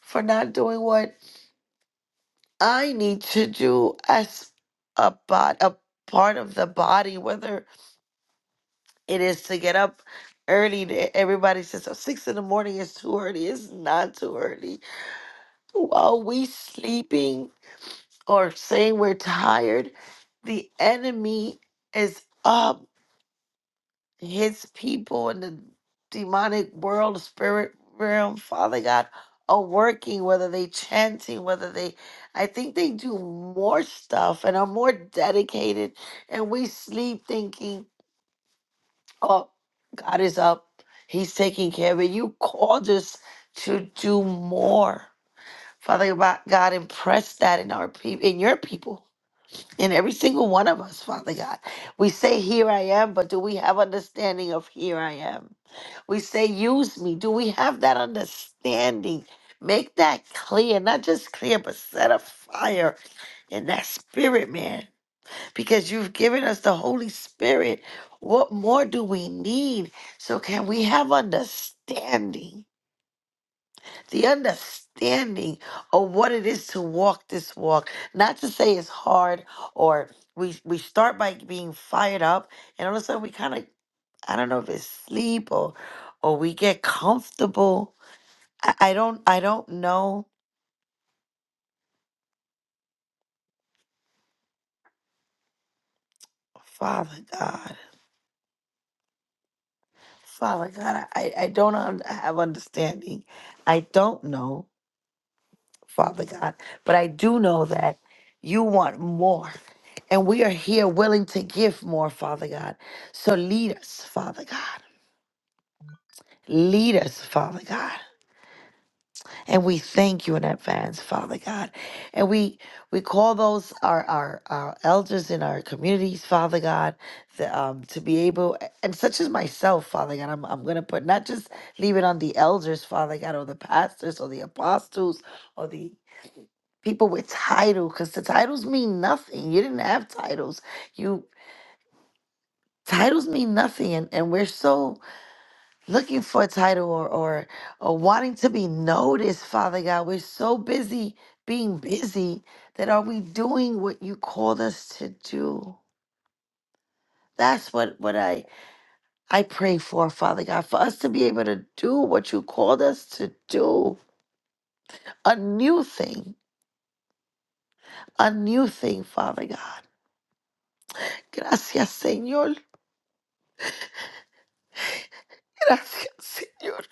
B: for not doing what I need to do as a bod, a part of the body, whether it is to get up early. to- Everybody says oh, six in the morning is too early. It's not too early. While we sleeping or saying we're tired, the enemy is up. his people in the demonic world, spirit realm, Father God, are working, whether they chanting, whether they I think they do more stuff and are more dedicated and we sleep thinking, Oh, God is up. He's taking care of it. You called us to do more. Father God, God, impress that in our people in your people. In every single one of us, Father God. We say, Here I am, but do we have understanding of here I am? We say, use me. Do we have that understanding? Make that clear, not just clear, but set a fire in that spirit, man, because you've given us the Holy Spirit. What more do we need? So, can we have understanding? The understanding of what it is to walk this walk. Not to say it's hard or we, we start by being fired up and all of a sudden we kind of, I don't know if it's sleep or, or we get comfortable I, I don't I don't know, Father God, Father God. I I don't un- have understanding. I don't know, Father God, but I do know that you want more, and we are here willing to give more, Father God. So lead us, Father God. Lead us, Father God. And we thank you in advance, Father God. And we we call those our our, our elders in our communities, Father God, the, um, to be able and such as myself, Father God. I'm I'm gonna put not just leave it on the elders, Father God, or the pastors or the apostles or the people with title, because the titles mean nothing. You didn't have titles. You titles mean nothing, and and we're so looking for a title or, or or wanting to be noticed, Father God. We're so busy being busy that are we doing what you called us to do? That's what, what I I pray for, Father God, for us to be able to do what you called us to do. A new thing. A new thing, Father God. Gracias, Señor. Gracias, Señor.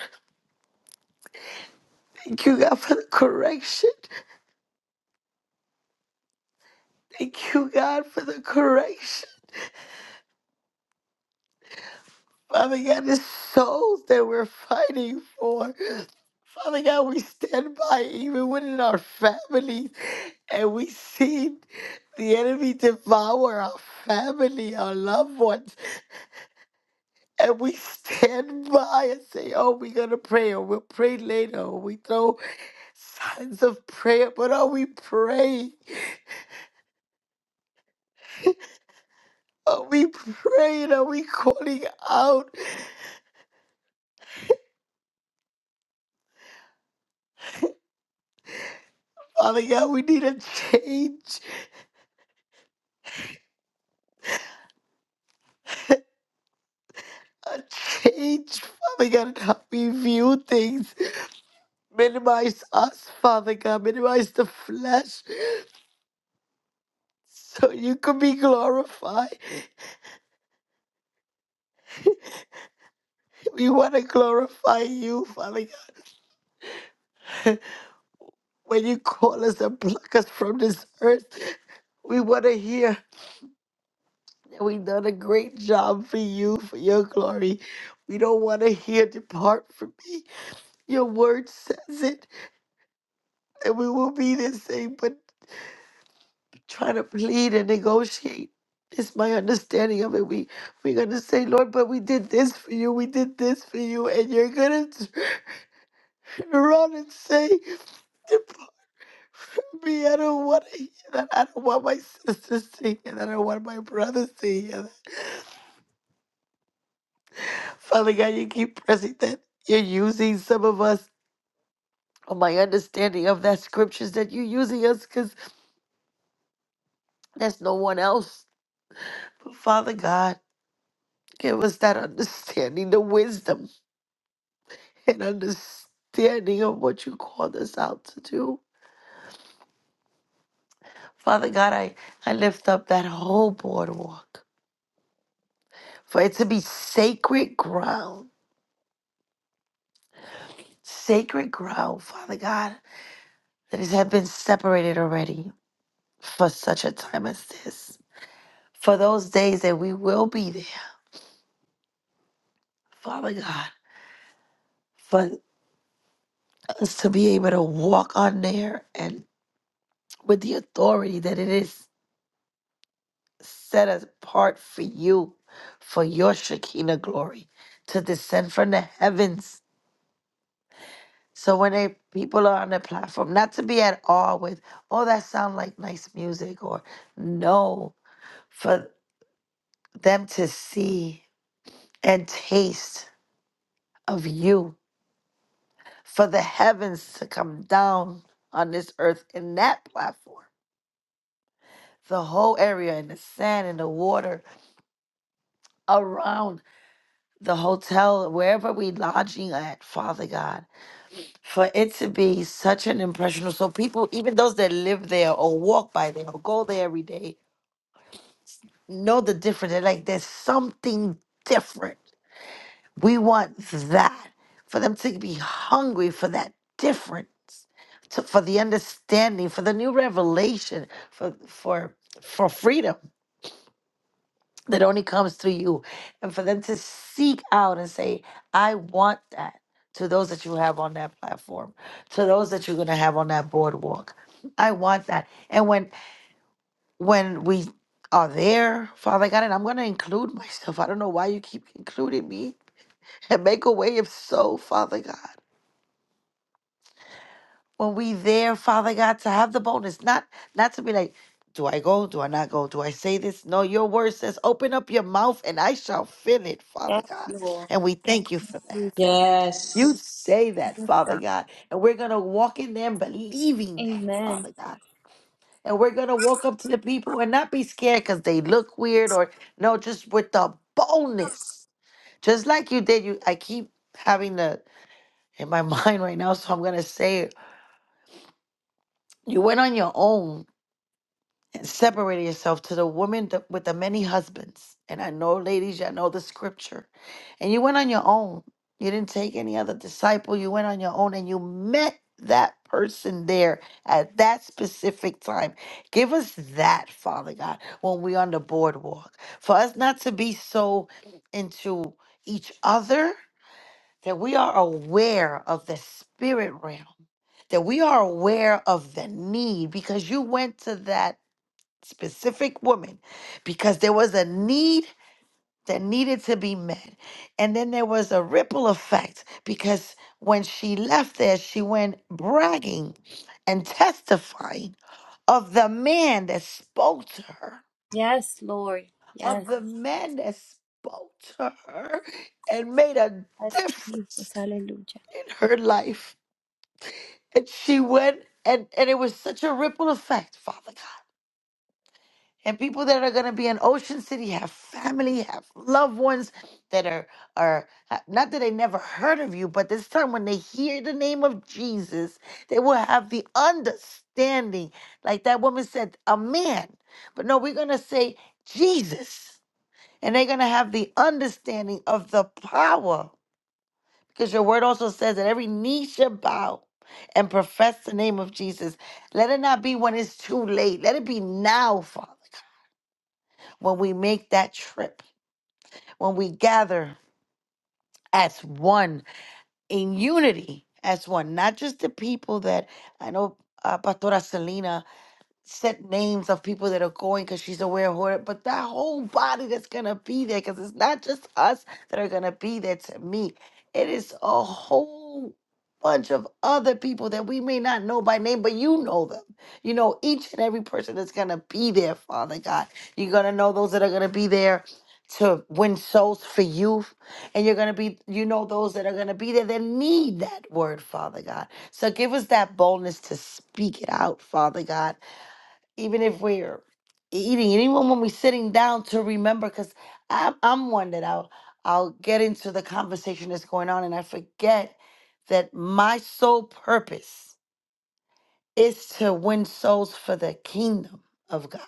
B: Thank you, God, for the correction. Thank you, God, for the correction. Father God, the souls that we're fighting for. Father God, we stand by even within our families and we see the enemy devour our family, our loved ones. And we stand by and say, oh, we're going to pray or we'll pray later or we throw signs of prayer. But are we praying? Are we praying? Are we calling out? Father God, we need a change. a change, Father God, and help me view things. Minimize us, Father God. Minimize the flesh so you can be glorified. We want to glorify you, Father God. When you call us and pluck us from this earth, we want to hear that we've done a great job for you, for your glory. We don't want to hear depart from me. Your word says it, and we will be the same. But. trying to plead and negotiate. It's my understanding of it. We we're gonna say, Lord, but we did this for you, we did this for you, and you're gonna turn around and say, "Depart from me, I don't want to hear that. I don't want my sisters to hear that. I don't want my brothers to hear that. Father God, you keep pressing that. You're using some of us. On my understanding of that scriptures that you're using us, because there's no one else. But Father God, give us that understanding, the wisdom and understanding of what you called us out to do. Father God, I, I lift up that whole boardwalk for it to be sacred ground, sacred ground, Father God, that has had been separated already for such a time as this. For those days that we will be there, Father God, for us to be able to walk on there and with the authority that it is set apart for you, for your Shekinah glory, to descend from the heavens. So when they, people are on the platform, not to be at awe with, oh, that sound like nice music, or no, for them to see and taste of you, for the heavens to come down on this earth in that platform. The whole area and the sand and the water around the hotel, wherever we lodging at, Father God for it to be such an impressionable, So people, even those that live there or walk by there or go there every day, know the difference. They're like, there's something different. We want that for them to be hungry for that difference, to, for the understanding, for the new revelation, for for for freedom. that only comes through you. And for them to seek out and say, I want that to those that you have on that platform, to those that you're gonna have on that boardwalk. I want that. And when when we are there, Father God, and I'm gonna include myself. I don't know why you keep including me and make a way if so, Father God. when we there, Father God, to have the boldness, not not to be like, do I go? Do I not go? Do I say this? No, your word says, open up your mouth and I shall fill it, Father
A: Yes,
B: God.
A: Lord.
B: And we thank you for that.
A: Jesus.
B: You
C: Yes.
B: say that,
A: Yes,
B: Father
A: God.
B: God. And we're gonna walk in there believing that,
A: Amen.
B: Father God. And we're gonna walk up to the people and not be scared because they look weird or no, just with the boldness. Just like you did, you I keep having the in my mind right now, so I'm gonna say it. You went on your own Separating yourself to the woman th- with the many husbands. And I know, ladies, y'all know the scripture. And you went on your own. You didn't take any other disciple. You went on your own and you met that person there at that specific time. Give us that, Father God, when we're on the boardwalk. For us not to be so into each other that we are aware of the spirit realm, that we are aware of the need because you went to that specific woman because there was a need that needed to be met. And then there was a ripple effect because when she left there, she went bragging and testifying of the man that spoke to her,
A: Yes, Lord. Yes.
B: of the man that spoke to her and made a
A: Yes,
B: difference
A: Jesus. Hallelujah.
B: in her life. And she went. And, and it was such a ripple effect, Father God. and people that are going to be in Ocean City have family, have loved ones that are are ha- not that they never heard of you, but this time when they hear the name of Jesus, they will have the understanding. Like that woman said, a man. But no, we're going to say Jesus. And they're going to have the understanding of the power because your word also says that every knee shall bow and profess the name of Jesus. Let it not be when it's too late. Let it be now, Father when we make that trip, when we gather as one in unity, as one, not just the people that I know uh, Pastora Selena set names of people that are going because she's aware of who, but that whole body that's gonna be there because it's not just us that are gonna be there to me. It is a whole bunch of other people that we may not know by name, but you know them. You know each and every person that's gonna be there, Father God. You're gonna know those that are gonna be there to win souls for you and you're going to be you know those that are going to be there that need that word father god so give us that boldness to speak it out father god even if we're eating, and even when we're sitting down to remember, because I'm, I'm one that I'll, I'll get into the conversation that's going on and I forget that my sole purpose is to win souls for the kingdom of God.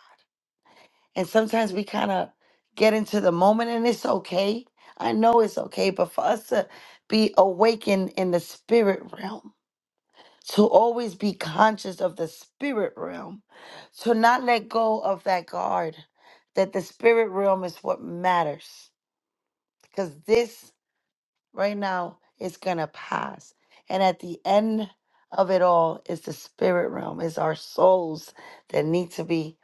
B: And sometimes we kind of get into the moment and it's okay. I know it's okay, but for us to be awakened in the spirit realm to always be conscious of the spirit realm, to not let go of that guard, that the spirit realm is what matters. Because this right now is going to pass. And at the end of it all is the spirit realm, is our souls that need to be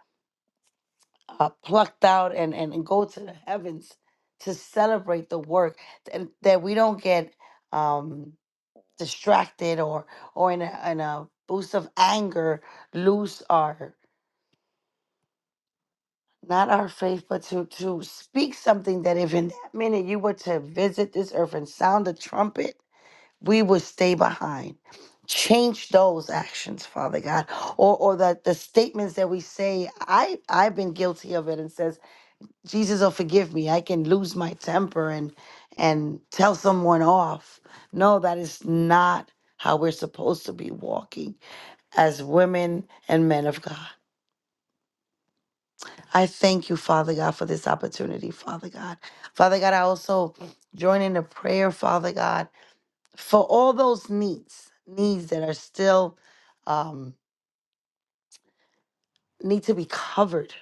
B: uh, plucked out and, and, and go to the heavens to celebrate the work that, that we don't get. Um, distracted or or in a, in a boost of anger lose our not our faith but to to speak something that if in that minute you were to visit this earth and sound the trumpet we would stay behind change those actions father god or or the the statements that we say i i've been guilty of it and says jesus will forgive me i can lose my temper and and tell someone off no that is not how we're supposed to be walking as women and men of God. I thank you, Father God, for this opportunity, Father God. Father God, I also join in the prayer, Father God, for all those needs, needs that are still um, need to be covered.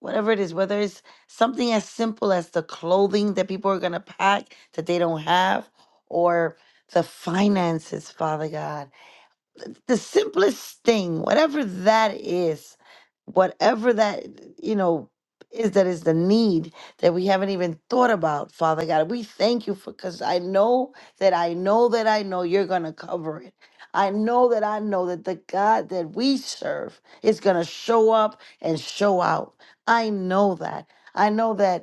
B: Whatever it is, whether it's something as simple as the clothing that people are going to pack that they don't have, or the finances, Father God the simplest thing, whatever that is, whatever that, you know, is that is the need that we haven't even thought about, Father God. We thank you for because I know that I know that I know you're going to cover it. I know that I know that the God that we serve is going to show up and show out. I know that. I know that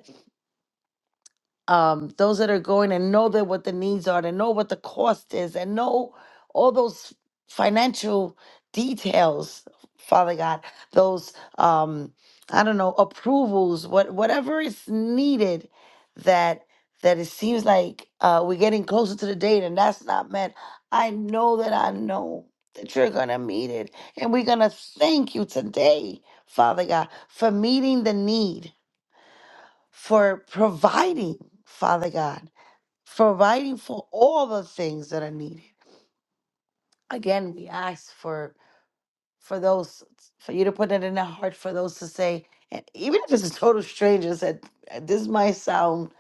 B: um, those that are going and know that what the needs are, and know what the cost is, and know all those financial details, Father God, those um, I don't know approvals, what whatever is needed, that that it seems like uh, we're getting closer to the date, and that's not met. I know that I know that you're gonna meet it, and we're gonna thank you today, Father God, for meeting the need, for providing, Father God providing for all the things that are needed. Again, we ask for for those for you to put it in the heart for those to say, and even if it's a total stranger, said "Uh, this might sound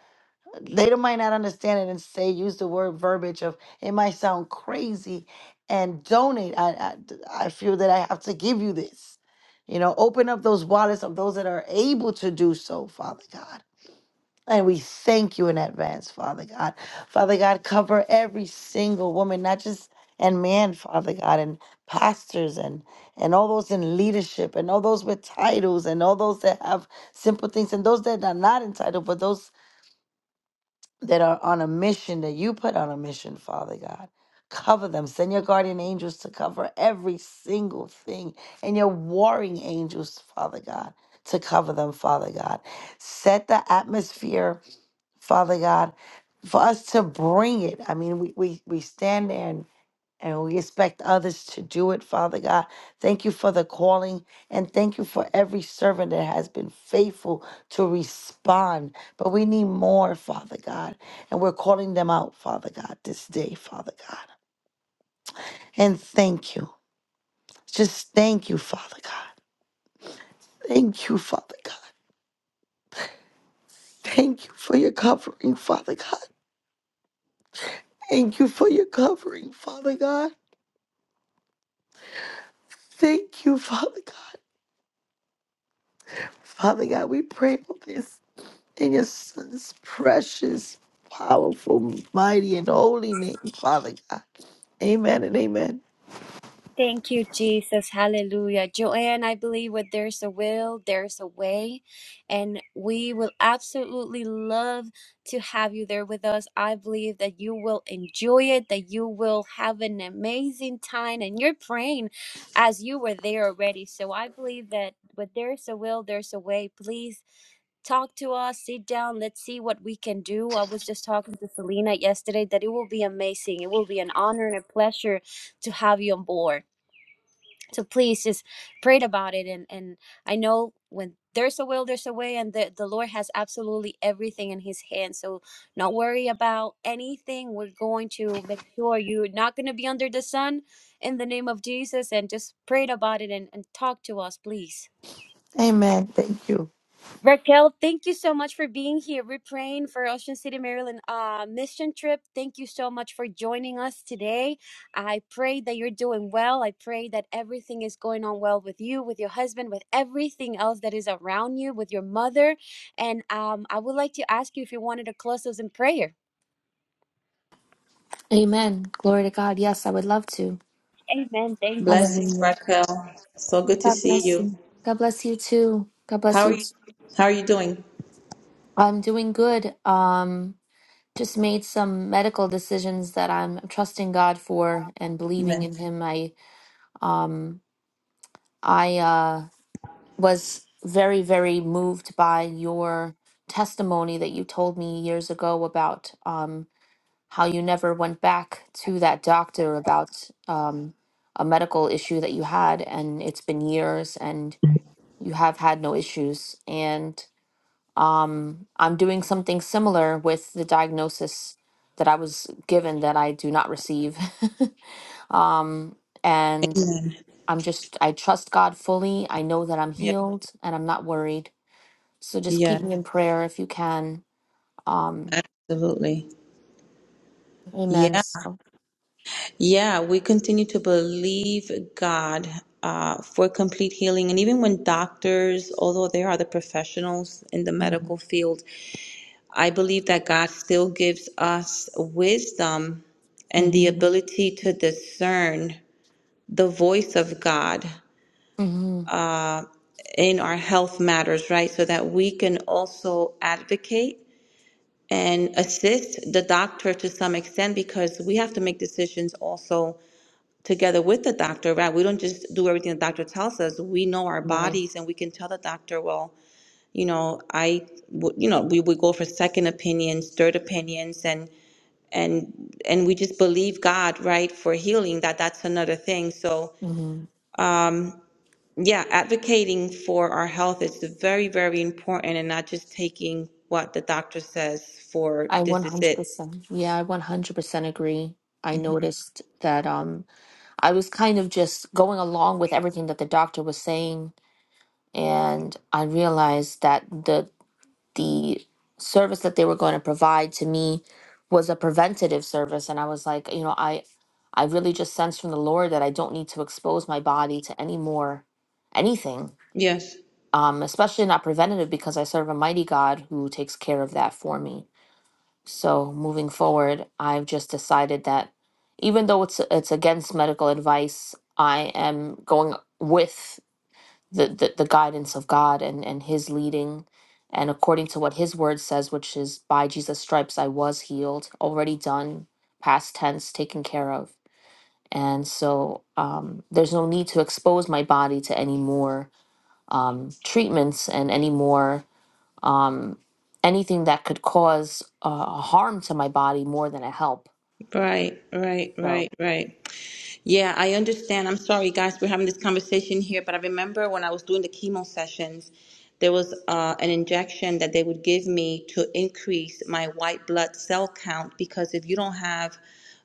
B: they don't might not understand it and say use the word verbiage of it might sound crazy and donate. I I, I feel that I have to give you this. You know, open up those wallets of those that are able to do so, Father God and we thank you in advance, Father God. Father God, cover every single woman, not just and man, Father God, and pastors and and all those in leadership and all those with titles and all those that have simple things and those that are not entitled, but those that are on a mission that you put on a mission, Father God. Cover them. Send your guardian angels to cover every single thing and your warring angels, Father God, to cover them, Father God. Set the atmosphere Father God, for us to bring it. I mean, we we, we stand there and, and we expect others to do it, Father God. Thank you for the calling and thank you for every servant that has been faithful to respond. But we need more, Father God. And we're calling them out, Father God, this day, Father God. And thank you. Just thank you, Father God. Thank you, Father God. Thank you for your covering, Father God. Thank you for your covering, Father God. Thank you, Father God. Father God, we pray for this in your son's precious, powerful, mighty, and holy name, Father God. Amen and amen.
A: Thank you, Jesus. Hallelujah. Joanne, I believe where there's a will, there's a way. And we will absolutely love to have you there with us. I believe that you will enjoy it, that you will have an amazing time. And you're praying as you were there already. So I believe that where there's a will, there's a way. Please talk to us, sit down, let's see what we can do. I was just talking to Selena yesterday that it will be amazing. It will be an honor and a pleasure to have you on board. So please just pray about it and and I know when there's a will, there's a way, and the, the Lord has absolutely everything in His hands. So, not worry about anything. We're going to make sure you're not going to be under the sun in the name of Jesus. And just pray about it and, and talk to us, please.
B: Amen. Thank you.
A: Raquel, thank you so much for being here. We're praying for Ocean City, Maryland uh, mission trip. Thank you so much for joining us today. I pray that you're doing well. I pray that everything is going on well with you, with your husband, with everything else that is around you, with your mother. And um, I would like to ask you if you wanted to close us in prayer.
D: Amen. Glory to God. Yes, I would love to.
C: Blessings,
D: Hallelujah.
C: Raquel. So good to
D: God
C: see
D: bless
C: you.
D: you. God bless you too. God
C: How
D: bless
C: are
D: you.
C: you? How are you doing?
D: I'm doing good. Um, just made some medical decisions that I'm trusting God for and believing
C: Amen.
D: in Him. I um I uh was very, very moved by your testimony that you told me years ago about. Um, how you never went back to that doctor about um, a medical issue that you had, and it's been years, and you have had no issues. And um, I'm doing something similar with the diagnosis that I was given that I do not receive. um, and
C: Amen.
D: I'm just, I trust God fully. I know that I'm
C: Yes.
D: healed and I'm not worried. So just keep
C: Yes.
D: me in prayer if you can. Um,
C: Absolutely.
D: amen.
C: Yeah, yeah, we continue to believe God uh, for complete healing. And even when doctors, although they are the professionals in the medical field, I believe that God still gives us wisdom and the
D: Mm-hmm.
C: ability to discern the voice of God
D: hmm
C: in our health matters, right? So that we can also advocate and assist the doctor to some extent because we have to make decisions also together with the doctor, right? We don't just do everything the doctor tells us. We know our bodies and we can tell the doctor, well, you know, I, w- you know, we would go for second opinions, third opinions, and, and, and we just believe God, right, for healing, that that's another thing. So,
D: hmm
C: yeah, advocating for our health is very, very important and not just taking what the doctor says for
D: I
C: this is it.
D: 100%. Yeah, I 100% agree. I noticed that um I was kind of just going along with everything that the doctor was saying and I realized that the the service that they were going to provide to me was a preventative service and I was like, you know, I I really just sense from the Lord that I don't need to expose my body to any more anything.
C: Yes.
D: Um especially not preventative because I serve a mighty God who takes care of that for me. So moving forward, I've just decided that even though it's it's against medical advice, I am going with the, the, the guidance of God and, and his leading and according to what his word says, which is by Jesus' stripes I was healed, already done, past tense, taken care of. And so um, there's no need to expose my body to any more um, treatments and any more um, anything that could cause uh, harm to my body more than a help.
C: Right, right,
D: So,
C: right, right. Yeah, I understand. I'm sorry, guys, we're having this conversation here, but I remember when I was doing the chemo sessions, there was uh, an injection that they would give me to increase my white blood cell count because if you don't have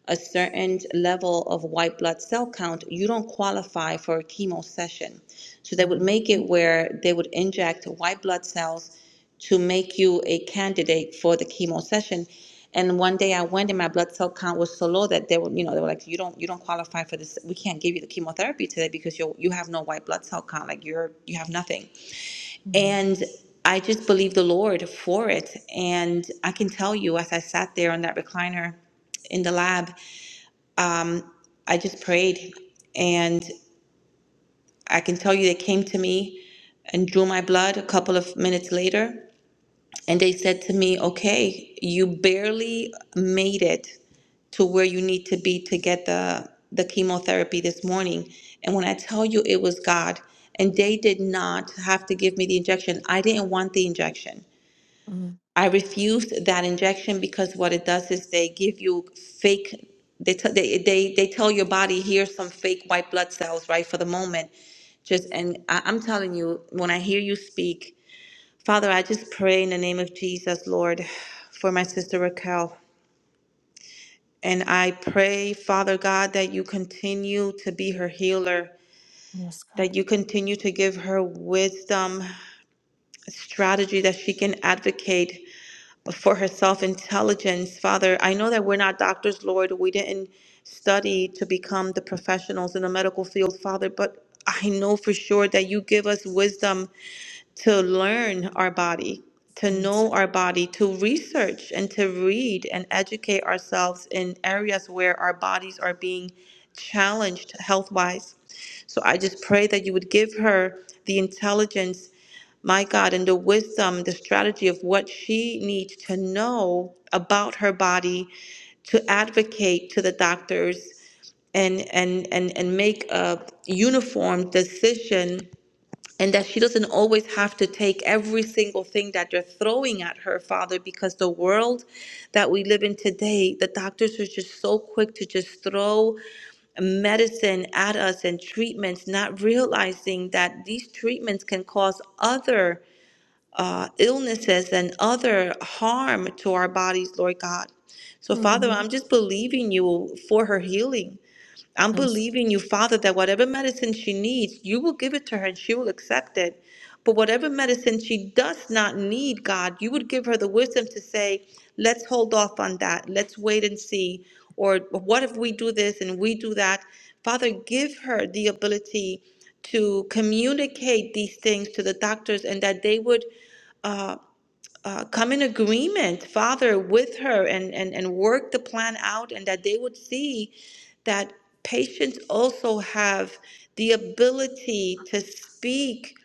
C: a certain level of white blood cell count, you don't qualify for a chemo session. So they would
D: Mhm.
C: make it where they would inject white blood cells to make you a candidate for the chemo session. And one day I went and my blood cell count was so low that they were, you know, they were like, you don't, you don't qualify for this. We can't give you the chemotherapy today because you you have no white blood cell count. Like you're, you have nothing.
D: Mhm.
C: And I just believed the Lord for it. And I can tell you, as I sat there on that recliner in the lab, I just prayed. And I can tell you, they came to me and drew my blood a couple of minutes later And they said to me, okay, you barely made it to where you need to be to get the, the chemotherapy this morning. And when I tell you it was God, and they did not have to give me the injection, I didn't want the injection.
D: Mhm.
C: I refused that injection because what it does is they give you fake, they, t- they, they, they tell your body, here's some fake white blood cells, right, for the moment. Just, and I, I'm telling you, when I hear you speak, Father, I just pray in the name of Jesus, Lord, for my sister Raquel. And I pray, Father God, that you continue to be her healer,
D: yes, God,
C: that you continue to give her wisdom, strategy that she can advocate for herself, intelligence. Father, I know that we're not doctors, Lord. We didn't study to become the professionals in the medical field, Father, but I know for sure that you give us wisdom to learn our body, to
D: yes,
C: know our body, to research and to read and educate ourselves in areas where our bodies are being challenged health wise. So I just pray that you would give her the intelligence, my God, and the wisdom, the strategy of what she needs to know about her body to advocate to the doctors and and and, and make a uniform decision and that she doesn't always have to take every single thing that you're throwing at her, Father, because the world that we live in today, the doctors are just so quick to just throw medicine at us and treatments, not realizing that these treatments can cause other uh, illnesses and other harm to our bodies, Lord God. So, Father,
D: Mhm.
C: I'm just believing you for her healing. I'm
D: yes,
C: believing you, Father, that whatever medicine she needs, you will give it to her and she will accept it. But whatever medicine she does not need, God, you would give her the wisdom to say, let's hold off on that. Let's wait and see. Or what if we do this and we do that? Father, give her the ability to communicate these things to the doctors and that they would uh, uh, come in agreement, Father, with her and, and, and work the plan out, and that they would see that patients also have the ability to speak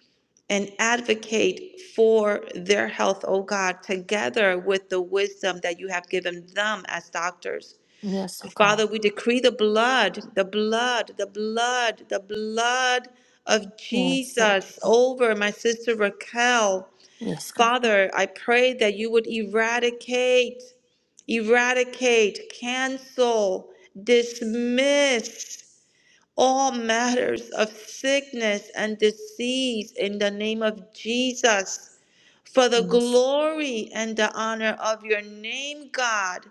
C: and advocate for their health, oh God, together with the wisdom that you have given them as doctors.
D: yes,
C: So,
D: oh God,
C: Father, we decree the blood, the blood, the blood, the blood of
D: yes, so
C: Jesus over my sister Raquel
D: yes, God,
C: Father, I pray that you would eradicate, eradicate, cancel, dismiss all matters of sickness and disease in the name of Jesus for the
D: yes,
C: glory and the honor of your name, God.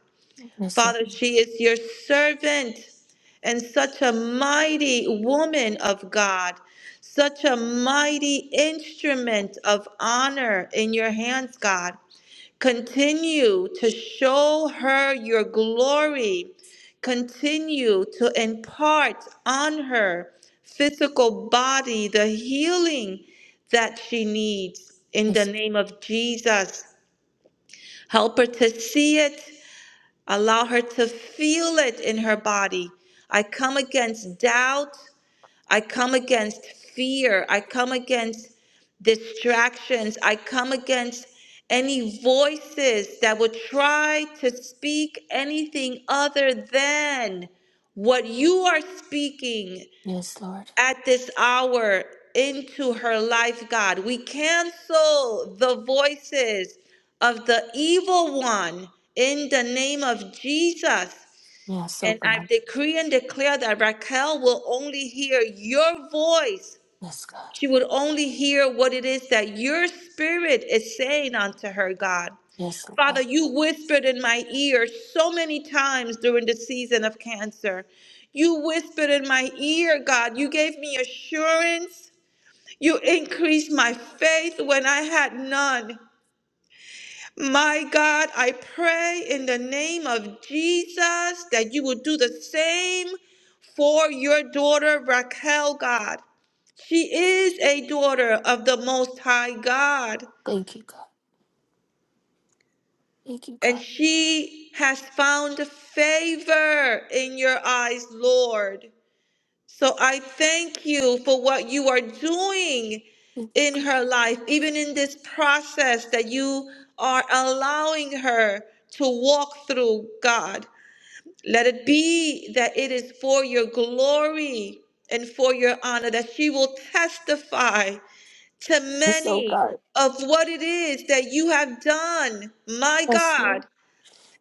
D: yes, oh,
C: Father, she is your servant and such a mighty woman of God, such a mighty instrument of honor in your hands, God. Continue to show her your glory. Continue to impart on her physical body the healing that she needs in the
D: yes,
C: name of Jesus. Help her to see it. Allow her to feel it in her body. I come against doubt. I come against fear. I come against distractions. I come against any voices that would try to speak anything other than what you are speaking
D: yes, Lord,
C: at this hour into her life, God. We cancel the voices of the evil one in the name of Jesus.
D: yes, oh
C: And I
D: God,
C: decree and declare that Raquel will only hear your voice.
D: yes, God,
C: She would only hear what it is that your spirit is saying unto her, God.
D: yes, oh God,
C: Father, you whispered in my ear so many times during the season of cancer. You whispered in my ear, God. You gave me assurance. You increased my faith when I had none. My God, I pray in the name of Jesus that you will do the same for your daughter Raquel, God. She is a daughter of the Most High God,
D: thank you, God, thank you,
C: and
D: God,
C: she has found favor in your eyes, Lord. So I thank you for what you are doing in her life, even in this process that you are allowing her to walk through, God. Let it be that it is for your glory and for your honor that she will testify to
D: yes, oh
C: many
D: God,
C: of what it is that you have done, my
D: yes, Lord,
C: God.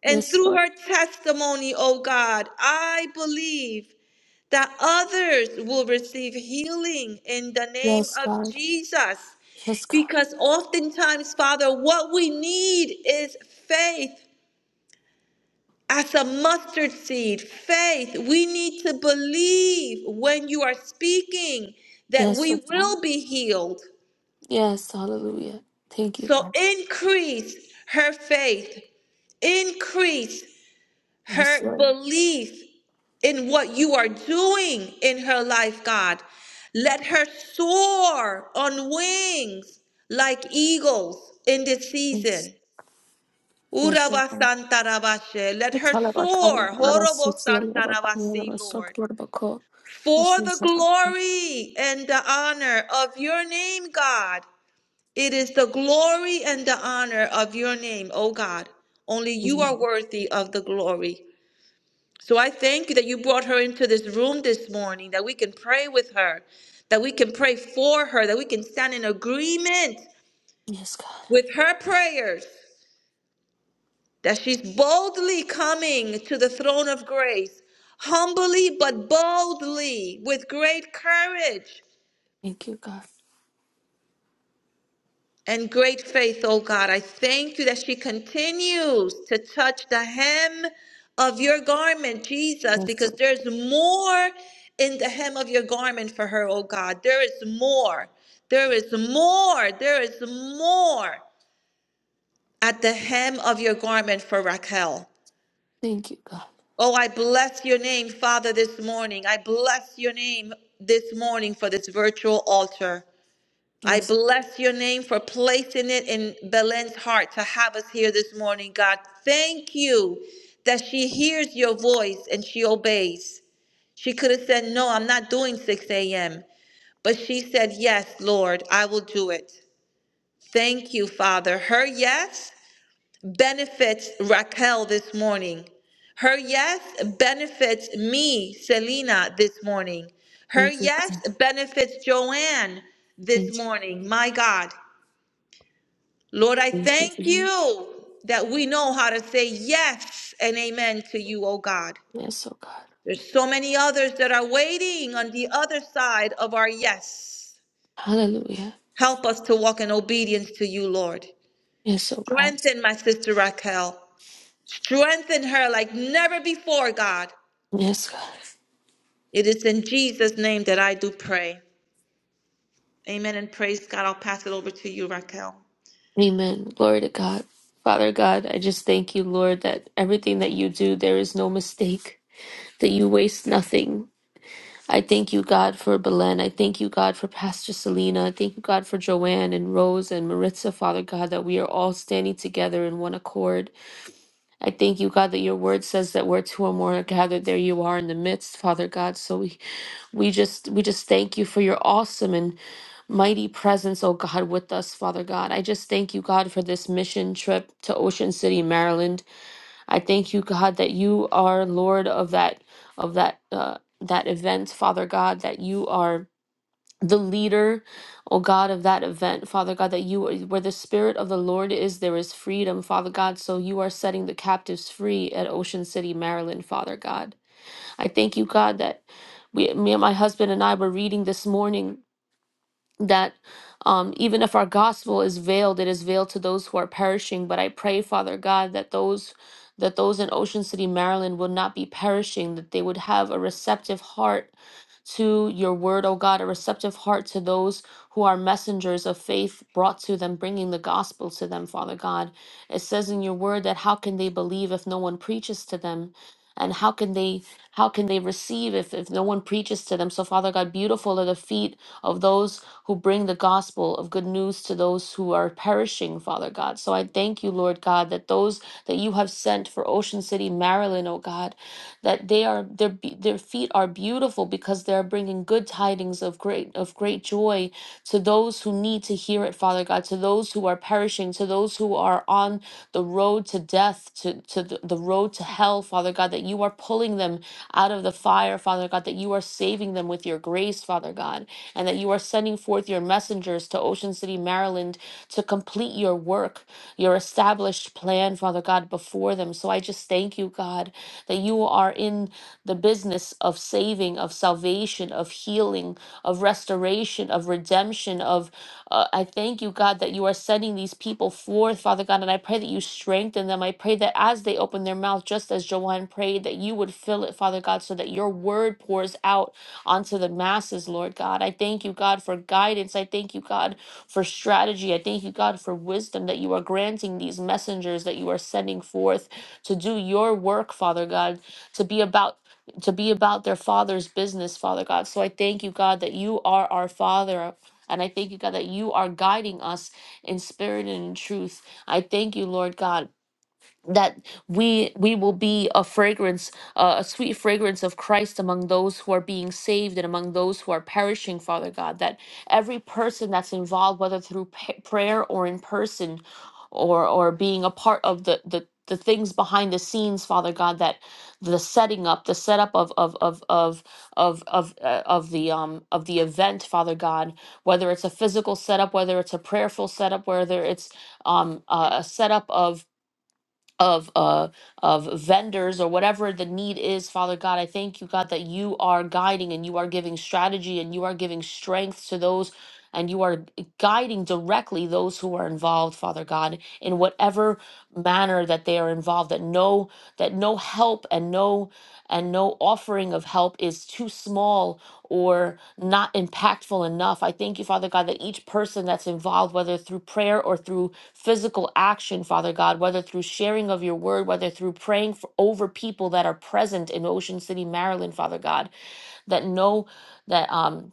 C: And
D: yes,
C: through
D: Lord,
C: her testimony, oh God, I believe that others will receive healing in the name
D: yes,
C: of
D: God,
C: Jesus.
D: yes, God,
C: Because oftentimes, Father, what we need is faith as a mustard seed, faith. We need to believe when you are speaking that
D: yes,
C: we
D: oh God,
C: will be healed.
D: yes, Hallelujah, thank you, God.
C: So increase her faith, increase
D: Yes,
C: her
D: Lord.
C: belief in what you are doing in her life, God. Let her soar on wings like eagles in this season. Uraba
D: Thank
C: Santarabashe. Let her soar. Horobo Santarabasi, Lord.
D: God.
C: for the glory and the honor of your name, God. It is the glory and the honor of your name, O God. Only you are worthy of the glory. So I thank you that you brought her into this room this morning, that we can pray with her, that we can pray for her, that we can stand in agreement
D: Yes, God.
C: with her prayers, that she's boldly coming to the throne of grace, humbly but boldly, with great courage
D: Thank you, God.
C: and great faith, oh God. I thank you that she continues to touch the hem of your garment, Jesus,
D: Yes,
C: because
D: Lord.
C: there's more in the hem of your garment for her, oh God. There is more. There is more. There is more at the hem of your garment for Raquel.
D: Thank you, God.
C: Oh, I bless your name, Father, this morning. I bless your name this morning for this virtual altar. I
D: Yes.
C: bless your name for placing it in Belen's heart to have us here this morning, God. Thank you that she hears your voice and she obeys. She could have said, No, I'm not doing 6 a.m., but she said, Yes, Lord, I will do it. Thank you, Father. Her yes benefits Raquel this morning. Her yes benefits me, Selena, this morning. Her
D: Thank you,
C: yes
D: God.
C: benefits Joanne
D: Thank
C: this
D: you.
C: morning. My God. Lord, I
D: Thank you.
C: thank
D: Lord.
C: you that we know how to say yes and amen to you, oh God.
D: Yes, oh God.
C: There's so many others that are waiting on the other side of our yes.
D: Hallelujah.
C: Help us to walk in obedience to you, Lord.
D: Yes, oh God.
C: Strengthen my sister Raquel. Strengthen her like never before, God.
D: Yes, God.
C: It is in Jesus' name that I do pray. Amen and praise God. I'll pass it over to you, Raquel.
D: Amen. Glory to God. Father God, I just thank you, Lord, that everything that you do, there is no mistake, that you waste nothing. I thank you, God, for Belen. I thank you, God, for Pastor Selena. I thank you, God, for Joanne and Rose and Maritza, Father God, that we are all standing together in one accord. I thank you, God, that your word says that where two or more are gathered, there you are in the midst, Father God. So we we just we just thank you for your awesome and mighty presence, oh God, with us, Father God. I just thank you, God, for this mission trip to Ocean City, Maryland. I thank you, God, that you are Lord of that of that uh, that event, Father God, that you are the leader, O God, of that event, Father God, that you are where the Spirit of the Lord is, there is freedom, Father God. So you are setting the captives free at Ocean City, Maryland, Father God. I thank you, God, that we, me and my husband and I were reading this morning that um, even if our gospel is veiled, it is veiled to those who are perishing. But I pray, Father God, that those that those in Ocean City, Maryland, will not be perishing. That they would have a receptive heart to your word, O God, a receptive heart to those who are messengers of faith brought to them, bringing the gospel to them, Father God. It says in your word that how can they believe if no one preaches to them? And how can they how can they receive if, if no one preaches to them? So Father God, beautiful are the feet of those who bring the gospel of good news to those who are perishing, Father God. So I thank you, Lord God, that those that you have sent for Ocean City, Maryland, oh God, that they are their be- their feet are beautiful because they are bringing good tidings of great of great joy to those who need to hear it, Father God, to those who are perishing, to those who are on the road to death, to, to the, the road to hell, Father God, that you are pulling them out of the fire, Father God, that you are saving them with your grace, Father God and that you are sending forth your messengers to Ocean City, Maryland to complete your work, your established plan, Father God, before them. So I just thank you, God, that you are in the business of saving, of salvation, of healing, of restoration, of redemption, of uh, I thank you, God, that you are sending these people forth, Father God, and I pray that you strengthen them. I pray that as they open their mouth, just as Joanne prayed, that you would fill it, Father God, so that your word pours out onto the masses, Lord God. I thank you, God, for guidance. I thank you, God, for strategy. I thank you, God, for wisdom that you are granting these messengers that you are sending forth to do your work, Father God, to be about to be about their father's business, Father God. So I thank you, God, that you are our Father. And I thank you, God, that you are guiding us in spirit and in truth. I thank you, Lord God that we we will be a fragrance uh, a sweet fragrance of Christ among those who are being saved and among those who are perishing father god that every person that's involved whether through pa- prayer or in person or or being a part of the the the things behind the scenes father god that the setting up the setup of of of of of of, uh, of the um of the event father god whether it's a physical setup whether it's a prayerful setup whether it's um a a setup of of uh of vendors or whatever the need is father god i thank you god that you are guiding and you are giving strategy and you are giving strength to those and you are guiding directly those who are involved father god in whatever manner that they are involved that no that no help and no and no offering of help is too small or not impactful enough i thank you father god that each person that's involved whether through prayer or through physical action, Father God, whether through sharing of your word, whether through praying for, over people that are present in Ocean City, Maryland, Father God, that know that um,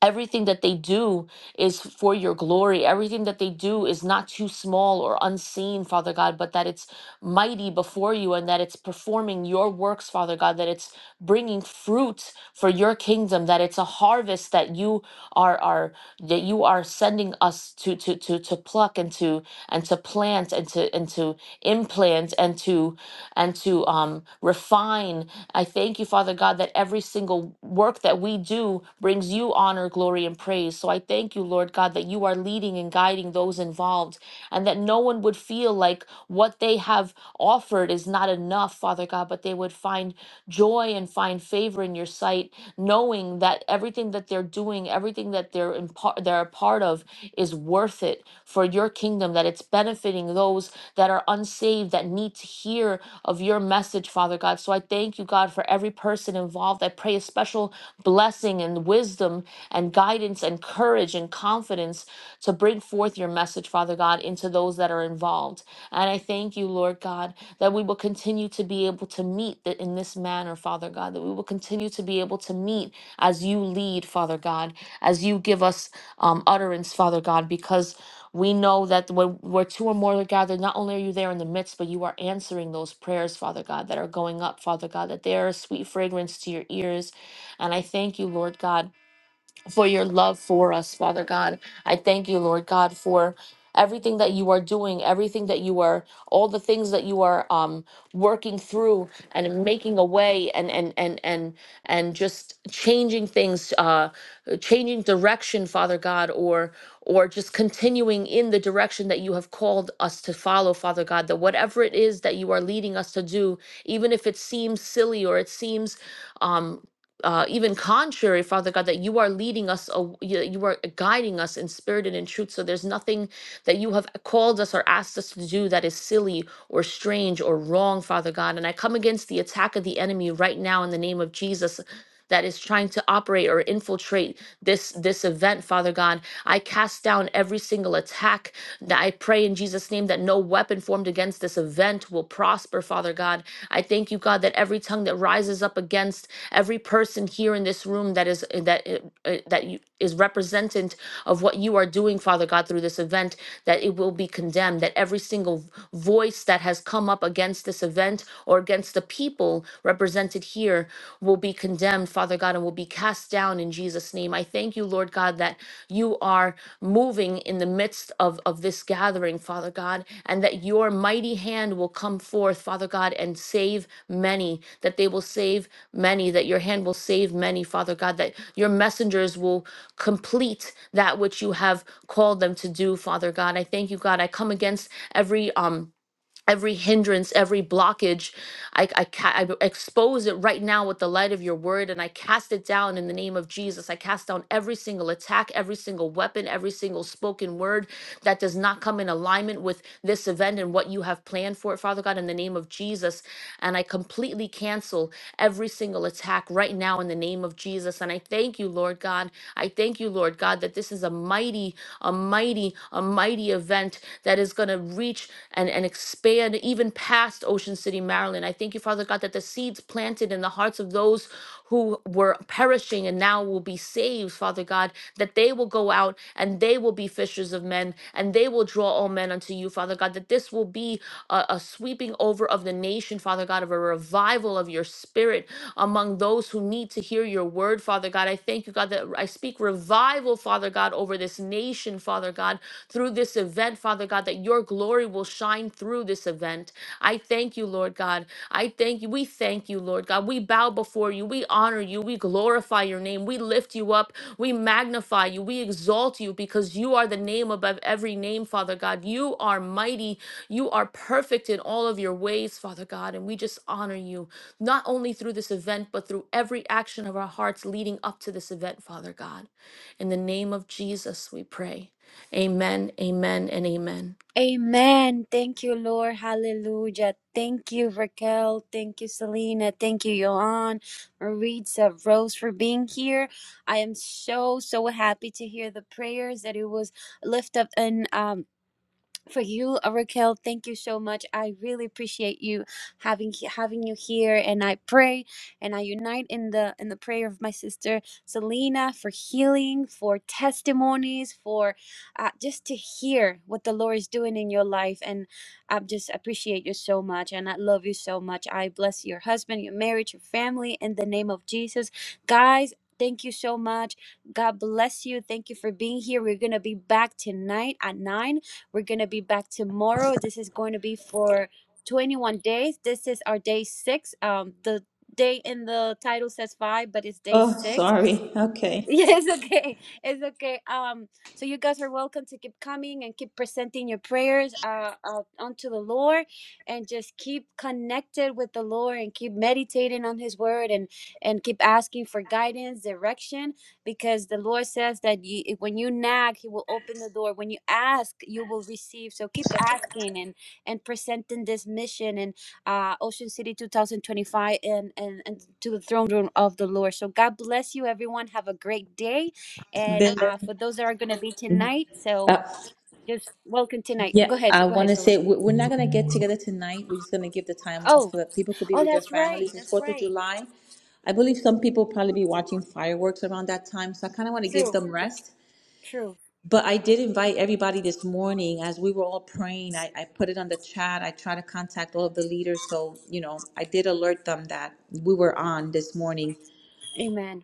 D: Everything that they do is for your glory. Everything that they do is not too small or unseen, Father God, but that it's mighty before you and that it's performing your works, Father God, that it's bringing fruit for your kingdom, that it's a harvest that you are are that you are sending us to to to to pluck and to and to plant and to and to implant and to and to um refine I thank you, Father God, that every single work that we do brings you honor, glory, and praise. So I thank you, Lord God, that you are leading and guiding those involved and that no one would feel like what they have offered is not enough, Father God, but they would find joy and find favor in your sight, knowing that everything that they're doing, everything that they're in part, they're a part of, is worth it for your kingdom. That it's benefiting those that are unsaved that need to hear of your message, Father God. So I thank you, God, for every person involved. I pray a special blessing and wisdom and guidance and courage and confidence to bring forth your message, Father God, into those that are involved. And I thank you, Lord God that we will continue to be able to meet that in this manner, Father God, that we will continue to be able to meet as you lead, Father God, as you give us um, utterance, Father God, because we know that when where two or more are gathered, not only are you there in the midst, but you are answering those prayers, Father God, that are going up, Father God, that they are a sweet fragrance to your ears. And I thank you, Lord God for your love for us, Father God. I thank you, Lord God, for everything that you are doing, everything that you are, all the things that you are um, working through and making a way and and and and and just changing things, uh, changing direction, Father God, or or just continuing in the direction that you have called us to follow, Father God, that whatever it is that you are leading us to do, even if it seems silly or it seems um uh, even contrary, Father God, that you are leading us, aw- you you are guiding us in spirit and in truth. So there's nothing that you have called us or asked us to do that is silly or strange or wrong, Father God. And I come against the attack of the enemy right now in the name of Jesus that is trying to operate or infiltrate this this event father god i cast down every single attack that I pray in Jesus' name that no weapon formed against this event will prosper, Father God. I thank you, God, that every tongue that rises up against every person here in this room that is eh, that uh, that you, is representant of what you are doing, Father God, through this event, that it will be condemned. That every single voice that has come up against this event or against the people represented here will be condemned, Father. Father God, and will be cast down in Jesus' name. I thank you, Lord God, that you are moving in the midst of, of this gathering, Father God, and that your mighty hand will come forth, Father God, and save many, that they will save many, that your hand will save many, Father God, that your messengers will complete that which you have called them to do, Father God. I thank you, God. I come against every um every hindrance, every blockage, I, I, ca- I expose it right now with the light of your word and I cast it down in the name of Jesus. I cast down every single attack, every single weapon, every single spoken word that does not come in alignment with this event and what you have planned for it, Father God, in the name of Jesus. And I completely cancel every single attack right now in the name of Jesus. And I thank you, Lord God. I thank you, Lord God, that this is a mighty, a mighty, a mighty event that is going to reach and, and expand even past Ocean City, Maryland. I thank you, Father God, that the seeds planted in the hearts of those who were perishing and now will be saved, Father God, that they will go out and they will be fishers of men and they will draw all men unto you, Father God, that this will be a, a sweeping over of the nation, Father God, of a revival of your spirit among those who need to hear your word, Father God. I thank you, God, that I speak revival, Father God, over this nation nation, Father God, through this event, Father God, that your glory will shine through this event. I thank you, Lord God. I thank you. We thank you, Lord God. We bow before you. We honor you. We glorify your name. We lift you up. We magnify you. We exalt you because you are the name above every name, Father God. You are mighty. You are perfect in all of your ways, Father God. And we just honor you, not only through this event, but through every action of our hearts leading up to this event, Father God. In the name of Jesus, we pray. Amen, amen, and amen.
A: Amen. Thank you, Lord. Hallelujah. Thank you, Raquel. Thank you, Selena. Thank you, Johan, Maritza, Rose, for being here. I am so, so happy to hear the prayers that it was lift up and um for you, uh, Raquel. Thank you so much. I really appreciate you having having you here, and I pray and I unite in the in the prayer of my sister Selena for healing, for testimonies, for uh, just to hear what the Lord is doing in your life. And I just appreciate you so much, and I love you so much. I bless your husband, your marriage, your family, in the name of Jesus, guys. Thank you so much. God bless you. Thank you for being here. We're going to be back tonight at 9 we're going to be back tomorrow. This is going to be for 21 days. This is our day six. Um, the day in the title says five, but it's day
C: Oh,
A: six
C: sorry. Okay.
A: yeah, it's okay. It's okay. Um, so you guys are welcome to keep coming and keep presenting your prayers uh, uh unto the Lord, and just keep connected with the Lord and keep meditating on His Word and and keep asking for guidance, direction, because the Lord says that you, when you nag, He will open the door. When you ask, you will receive. So keep asking and and presenting this mission, and uh, Ocean City 2025 and, and, and to the throne room of the Lord. So God bless you, everyone. Have a great day. And
C: Been
A: uh, for those that are going to be tonight, so
C: there.
A: just welcome tonight.
C: Yeah,
A: Go ahead.
C: I
A: Go
C: want
A: ahead,
C: to say
A: Selena.
C: we- we're not going to get together tonight. We're just going to give the time off
A: Oh,
C: so that people could be
A: oh,
C: with their
A: that's right.
C: families. It's
A: That's
C: Fourth of
A: right.
C: July. I believe some people probably be watching fireworks around that time, so I kind of want to give
A: True.
C: them rest.
A: True.
C: But I did invite everybody this morning as we were all praying. I, I put it on the chat. I try to contact all of the leaders, so you know I did alert them that we were on this morning.
A: Amen.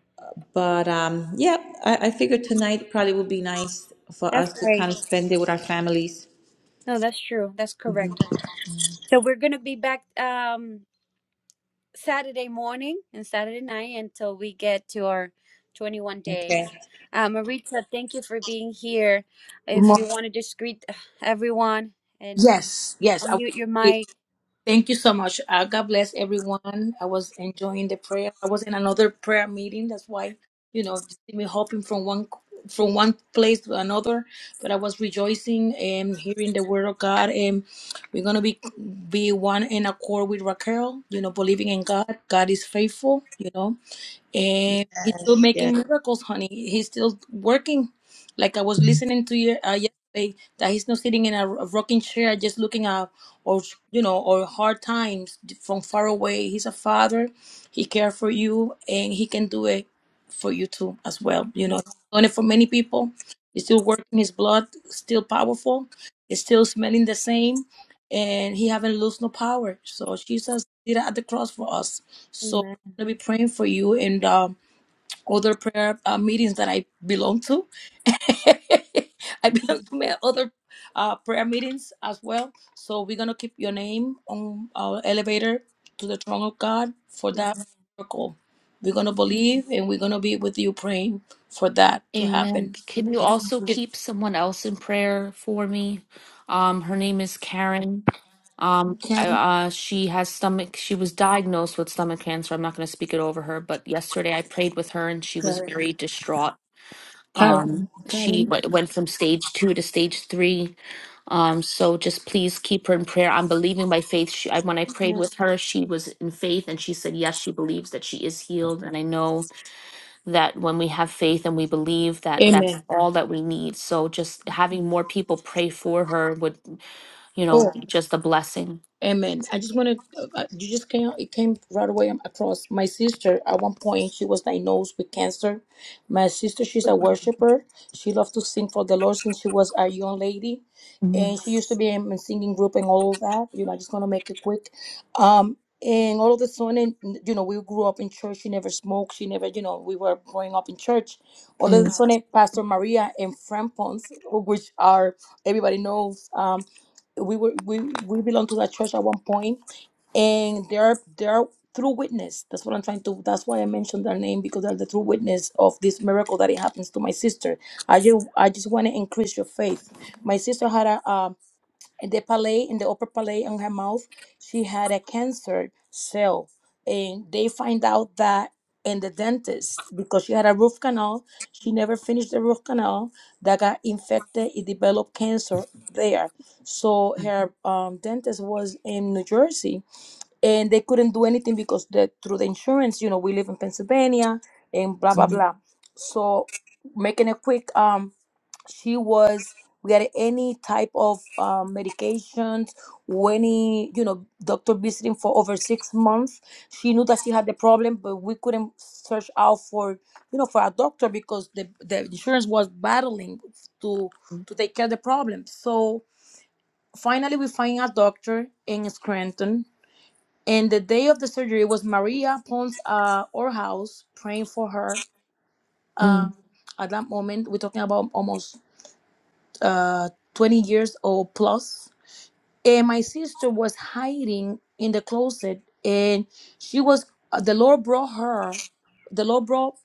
C: But um, yeah, I, I figured tonight probably would be nice for us
A: That's
C: to
A: right.
C: kind of spend it with our families.
A: No, that's true. That's correct. So we're going to be back. Um, Saturday morning and Saturday night until we get to our 21
C: Okay.
A: days. Uh, Maritza, thank you for being here. If
E: Mo-
A: you want to just greet everyone and
E: Yes, yes. I,
A: unmute your mic.
E: thank you so much. Uh, God bless everyone. I was enjoying the prayer. I was in another prayer meeting. That's why you know me hopping from one from one place to another. But I was rejoicing and hearing the word of God. And we're gonna be be one in accord with Raquel. You know, believing in God. God is faithful. You know. And he's still making miracles, honey. He's still working. Like I was listening to you uh, yesterday, that he's not sitting in a, a rocking chair, just looking up, or you know, or hard times from far away. He's a father. He cares for you, and he can do it for you too as well. You know, done it for many people. He's still working. His blood still powerful. It's still smelling the same, and he haven't lost no power. So Jesus did it at the cross for us. So,
A: Amen.
E: to be praying for you in um, other prayer uh, meetings that I belong to. I belong to my other uh, prayer meetings as well. So we're gonna keep your name on our elevator to the throne of God for that
A: Amen.
E: miracle. We're gonna believe and we're gonna be with you praying for that to
D: Amen.
E: happen.
D: Can you
E: In
D: also
E: Jesus'
D: keep someone else in prayer for me? Um, her name is Karen. Um, I-
E: name.
D: uh, she has stomach. She was diagnosed with stomach cancer. I'm not going to speak it over her, but yesterday I prayed with her and she was
E: Karen,
D: very distraught.
E: Karen,
D: Um, she
E: Karen.
D: w- went from stage two to stage three. Um, so just please keep her in prayer. I'm believing by faith. She, I, when I prayed with her, she was in faith and she said, yes, she believes that she is healed. And I know that when we have faith and we believe that that's
E: Amen.
D: all that we need. So just having more people pray for her would, you know,
E: Oh.
D: be just a blessing.
E: Amen. I just want to, you just came, it came right away across my sister. At one point, she was diagnosed with cancer. My sister, she's a worshiper. She loved to sing for the Lord since she was a young lady.
D: Mhm,
E: And she used to be in a singing group and all of that. You know, I just going to make it quick. Um, and all of a sudden, you know, we grew up in church. She never smoked. She never, you know, we were growing up in church. All of
D: mm,
E: a sudden, Pastor Maria and Frampons, which are everybody knows. um, we were we we belonged to that church at one point and they're they're true witness that's what i'm trying to that's why i mentioned their name because they're the true witness of this miracle that it happens to my sister i just i just want to increase your faith my sister had a, um the palate in the upper palate on her mouth she had a cancer cell and they find out that in the dentist because she had a root canal she never finished the root canal that got infected it developed cancer there so her um, dentist was in new jersey and they couldn't do anything because the through the insurance you know we live in pennsylvania and blah blah
D: mm,
E: blah so making a quick um she was we had any type of um, medications or any you know doctor visiting for over six months she knew that she had the problem but we couldn't search out for you know for a doctor because the, the insurance was battling to to take care of the problem so finally we find a doctor in scranton and the day of the surgery was maria pons uh, our house praying for her Um,
D: mm,
E: at that moment we're talking about almost uh, 20 years old plus. And my sister was hiding in the closet, and she was, uh, the Lord brought her, the Lord brought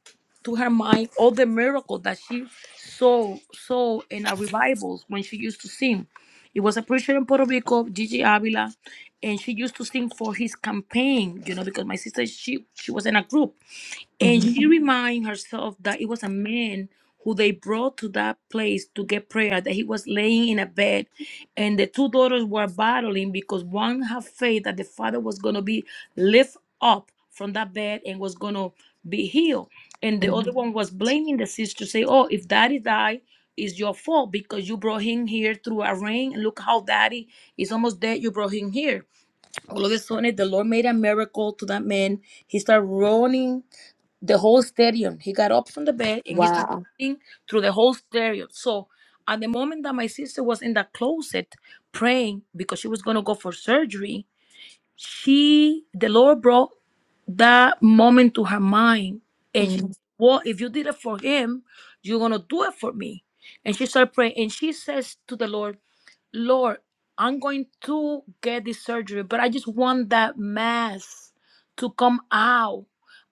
E: to her mind all the miracles that she saw, saw in our revivals when she used to sing. It was a preacher in Puerto Rico, Gigi Avila, and she used to sing for his campaign, you know, because my sister, she, she was in a group and
D: mhm,
E: she reminded herself that it was a man who they brought to that place to get prayer, that he was laying in a bed, and the two daughters were battling because one had faith that the father was going to be lift up from that bed and was going to be healed. And the other
D: mhm.
E: one was blaming the sister, say, Oh, if daddy died, it's your fault because you brought him here through a rain. And look how daddy is almost dead. You brought him here. All of a sudden, the Lord made a miracle to that man. He started running the whole stadium. He got up from the bed and he started
D: Wow.
E: praying through the whole stadium. So at the moment that my sister was in that closet praying because she was gonna go for surgery, she the Lord brought that moment to her mind and she said,
D: Mm,
E: Well, if you did it for him, you're gonna do it for me. And she started praying and she says to the Lord, Lord, I'm going to get this surgery, but I just want that mass to come out.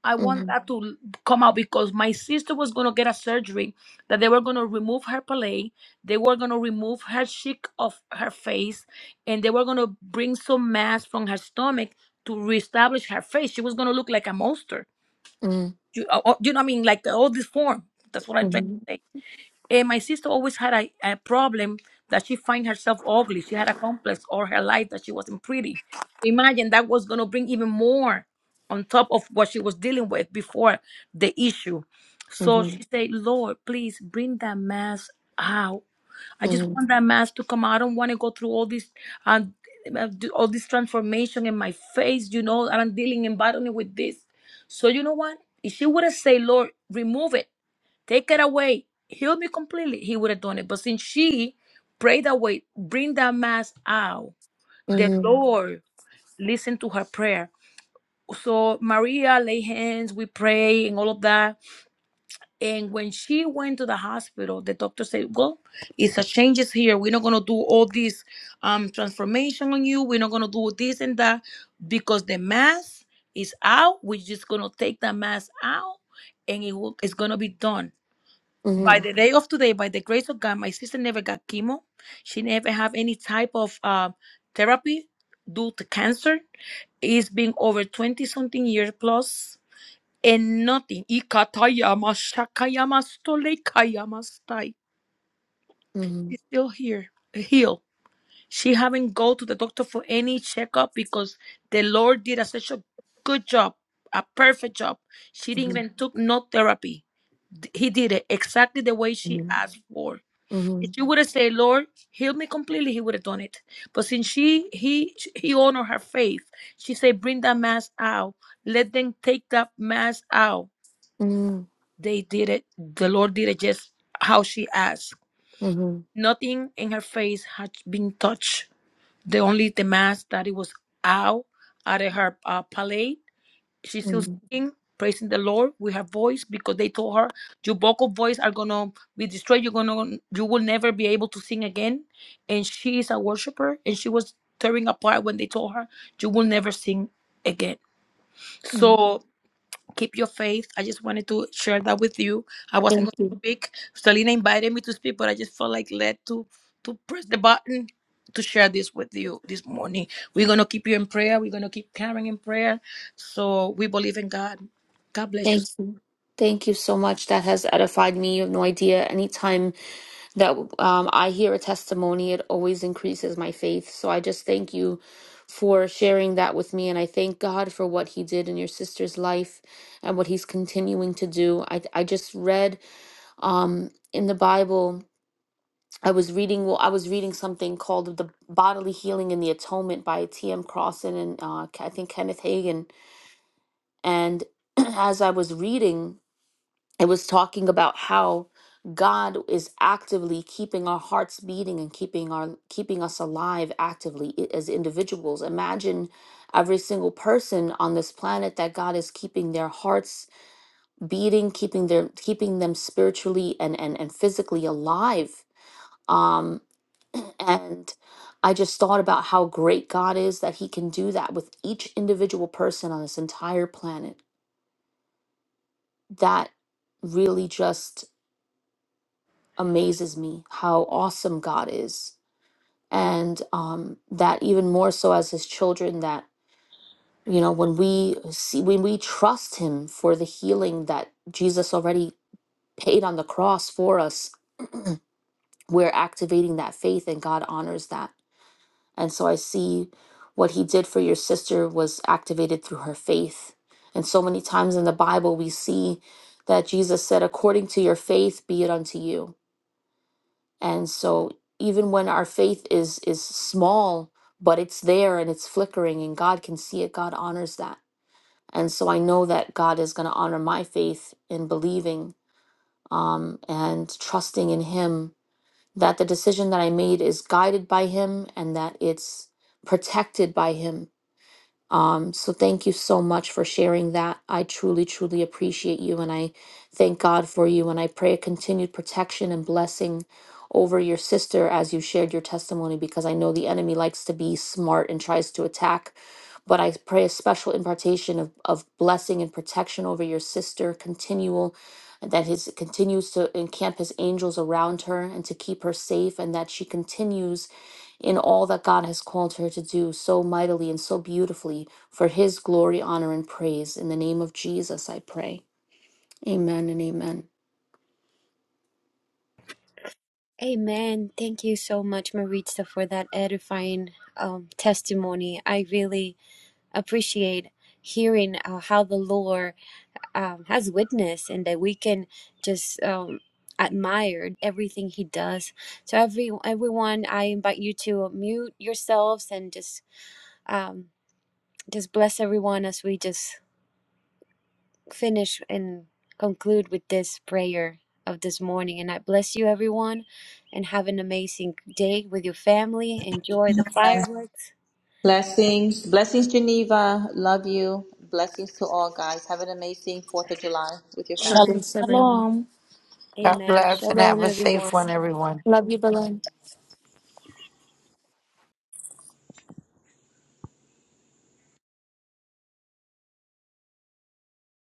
E: I want
D: mhm,
E: that to l- come out because my sister was going to get a surgery that they were going to remove her palate, they were going to remove her cheek of her face, and they were going to bring some mass from her stomach to reestablish her face. She was going to look like a monster.
D: mm,
E: You, uh, uh, you know what I mean? Like the, all this form. That's what I'm trying
D: mhm,
E: to say. And my sister always had a, a problem that she find herself ugly. She had a complex all her life that she wasn't pretty. Imagine that was going to bring even more on top of what she was dealing with before the issue. So
D: mhm,
E: she said, Lord, please bring that mask out. I just
D: mhm,
E: want that mask to come out. I don't want to go through all this, uh, uh, do- all this transformation in my face, you know, and I'm dealing and battling with this. So you know what? If she would have said, Lord, remove it, take it away, heal me completely, he would have done it. But since she prayed away, bring that mask out, the
D: mhm,
E: Lord listened to her prayer. So Maria lay hands, we pray and all of that. And when she went to the hospital, the doctor said, Well, it's a changes here. We're not gonna do all this um transformation on you, we're not gonna do this and that because the mask is out. We're just gonna take the mask out and it will, it's gonna be done by
D: Mhm,
E: the day of today, by the grace of God, my sister never got chemo. She never have any type of uh, therapy due to cancer. It's been over 20 something years plus and nothing. Ikatayama shakayama stolekayama stai.
D: mhm,
E: She's still here, healed. She haven't go to the doctor for any checkup because the Lord did a such a good job, a perfect job. She didn't
D: mhm,
E: even took no therapy. D- He did it exactly the way she
D: mhm,
E: asked for if
D: mhm,
E: she would have said, "Lord, heal me completely," he would have done it. But since she he he honored her faith, she said, "Bring that mask out. Let them take that mask out."
D: mhm,
E: They did it. The Lord did it just how she asked.
D: mhm,
E: Nothing in her face had been touched. The only the mask that it was out out of her uh, palate she's still
D: mhm,
E: singing, praising the Lord with her voice because they told her your vocal voice are gonna be destroyed. You're gonna you will never be able to sing again. And she is a worshiper and she was tearing apart when they told her you will never sing again.
D: mhm.
E: So keep your faith. I just wanted to share that with you. I wasn't
D: Thank
E: going
D: you.
E: to speak. Selena invited me to speak, but I just felt like led to to press the button to share this with you this morning. We're gonna keep you in prayer. We're gonna keep Karen in prayer. So we believe in God. God bless you.
D: Thank you. Thank you so much. That has edified me. You have no idea. Anytime that um, I hear a testimony, it always increases my faith. So I just thank you for sharing that with me. And I thank God for what He did in your sister's life and what He's continuing to do. I, I just read um, in the Bible. I was reading well, I was reading something called The Bodily Healing and the Atonement by T.M. Crossan and uh, K- I think Kenneth Hagin. And as I was reading, it was talking about how God is actively keeping our hearts beating and keeping our keeping us alive actively i- as individuals. Imagine every single person on this planet that God is keeping their hearts beating, keeping their keeping them spiritually and and, and physically alive. Um, and I just thought about how great God is that He can do that with each individual person on this entire planet. That really just amazes me how awesome God is. And um, that even more so as His children, that you know when we see when we trust him for the healing that jesus already paid on the cross for us we're activating that faith and god honors that And so I see what he did for your sister was activated through her faith. And so many times in the Bible, we see that Jesus said, according to your faith, be it unto you. And so even when our faith is, is small, but it's there and it's flickering and God can see it, God honors that. And so I know that God is going to honor my faith in believing um, and trusting in Him, that the decision that I made is guided by Him and that it's protected by Him um, so thank you so much for sharing that. I truly, truly appreciate you and I thank God for you and I pray a continued protection and blessing over your sister as you shared your testimony because I know the enemy likes to be smart and tries to attack. But I pray a special impartation of, of blessing and protection over your sister, continual that his continues to encamp his angels around her and to keep her safe and that she continues in all that God has called her to do so mightily and so beautifully for his glory, honor, and praise. In the name of Jesus, I pray. Amen and amen.
A: Amen. Thank you so much, Maritza, for that edifying um, testimony. I really appreciate hearing uh, how the Lord um, has witnessed and that we can just um, admire everything he does. So every everyone, I invite you to mute yourselves and just um, just bless everyone as we just finish and conclude with this prayer of this morning. And I bless you, everyone, and have an amazing day with your family. Enjoy the fireworks.
C: Blessings. Blessings, Geneva. Love you. Blessings to all guys. Have an amazing 4th of July with your family.
E: Shalom.
A: Amen.
D: Amen.
E: Shalom.
B: God
A: Amen.
B: bless and
A: Shalom,
B: have a
A: everyone.
B: safe one, everyone.
D: Love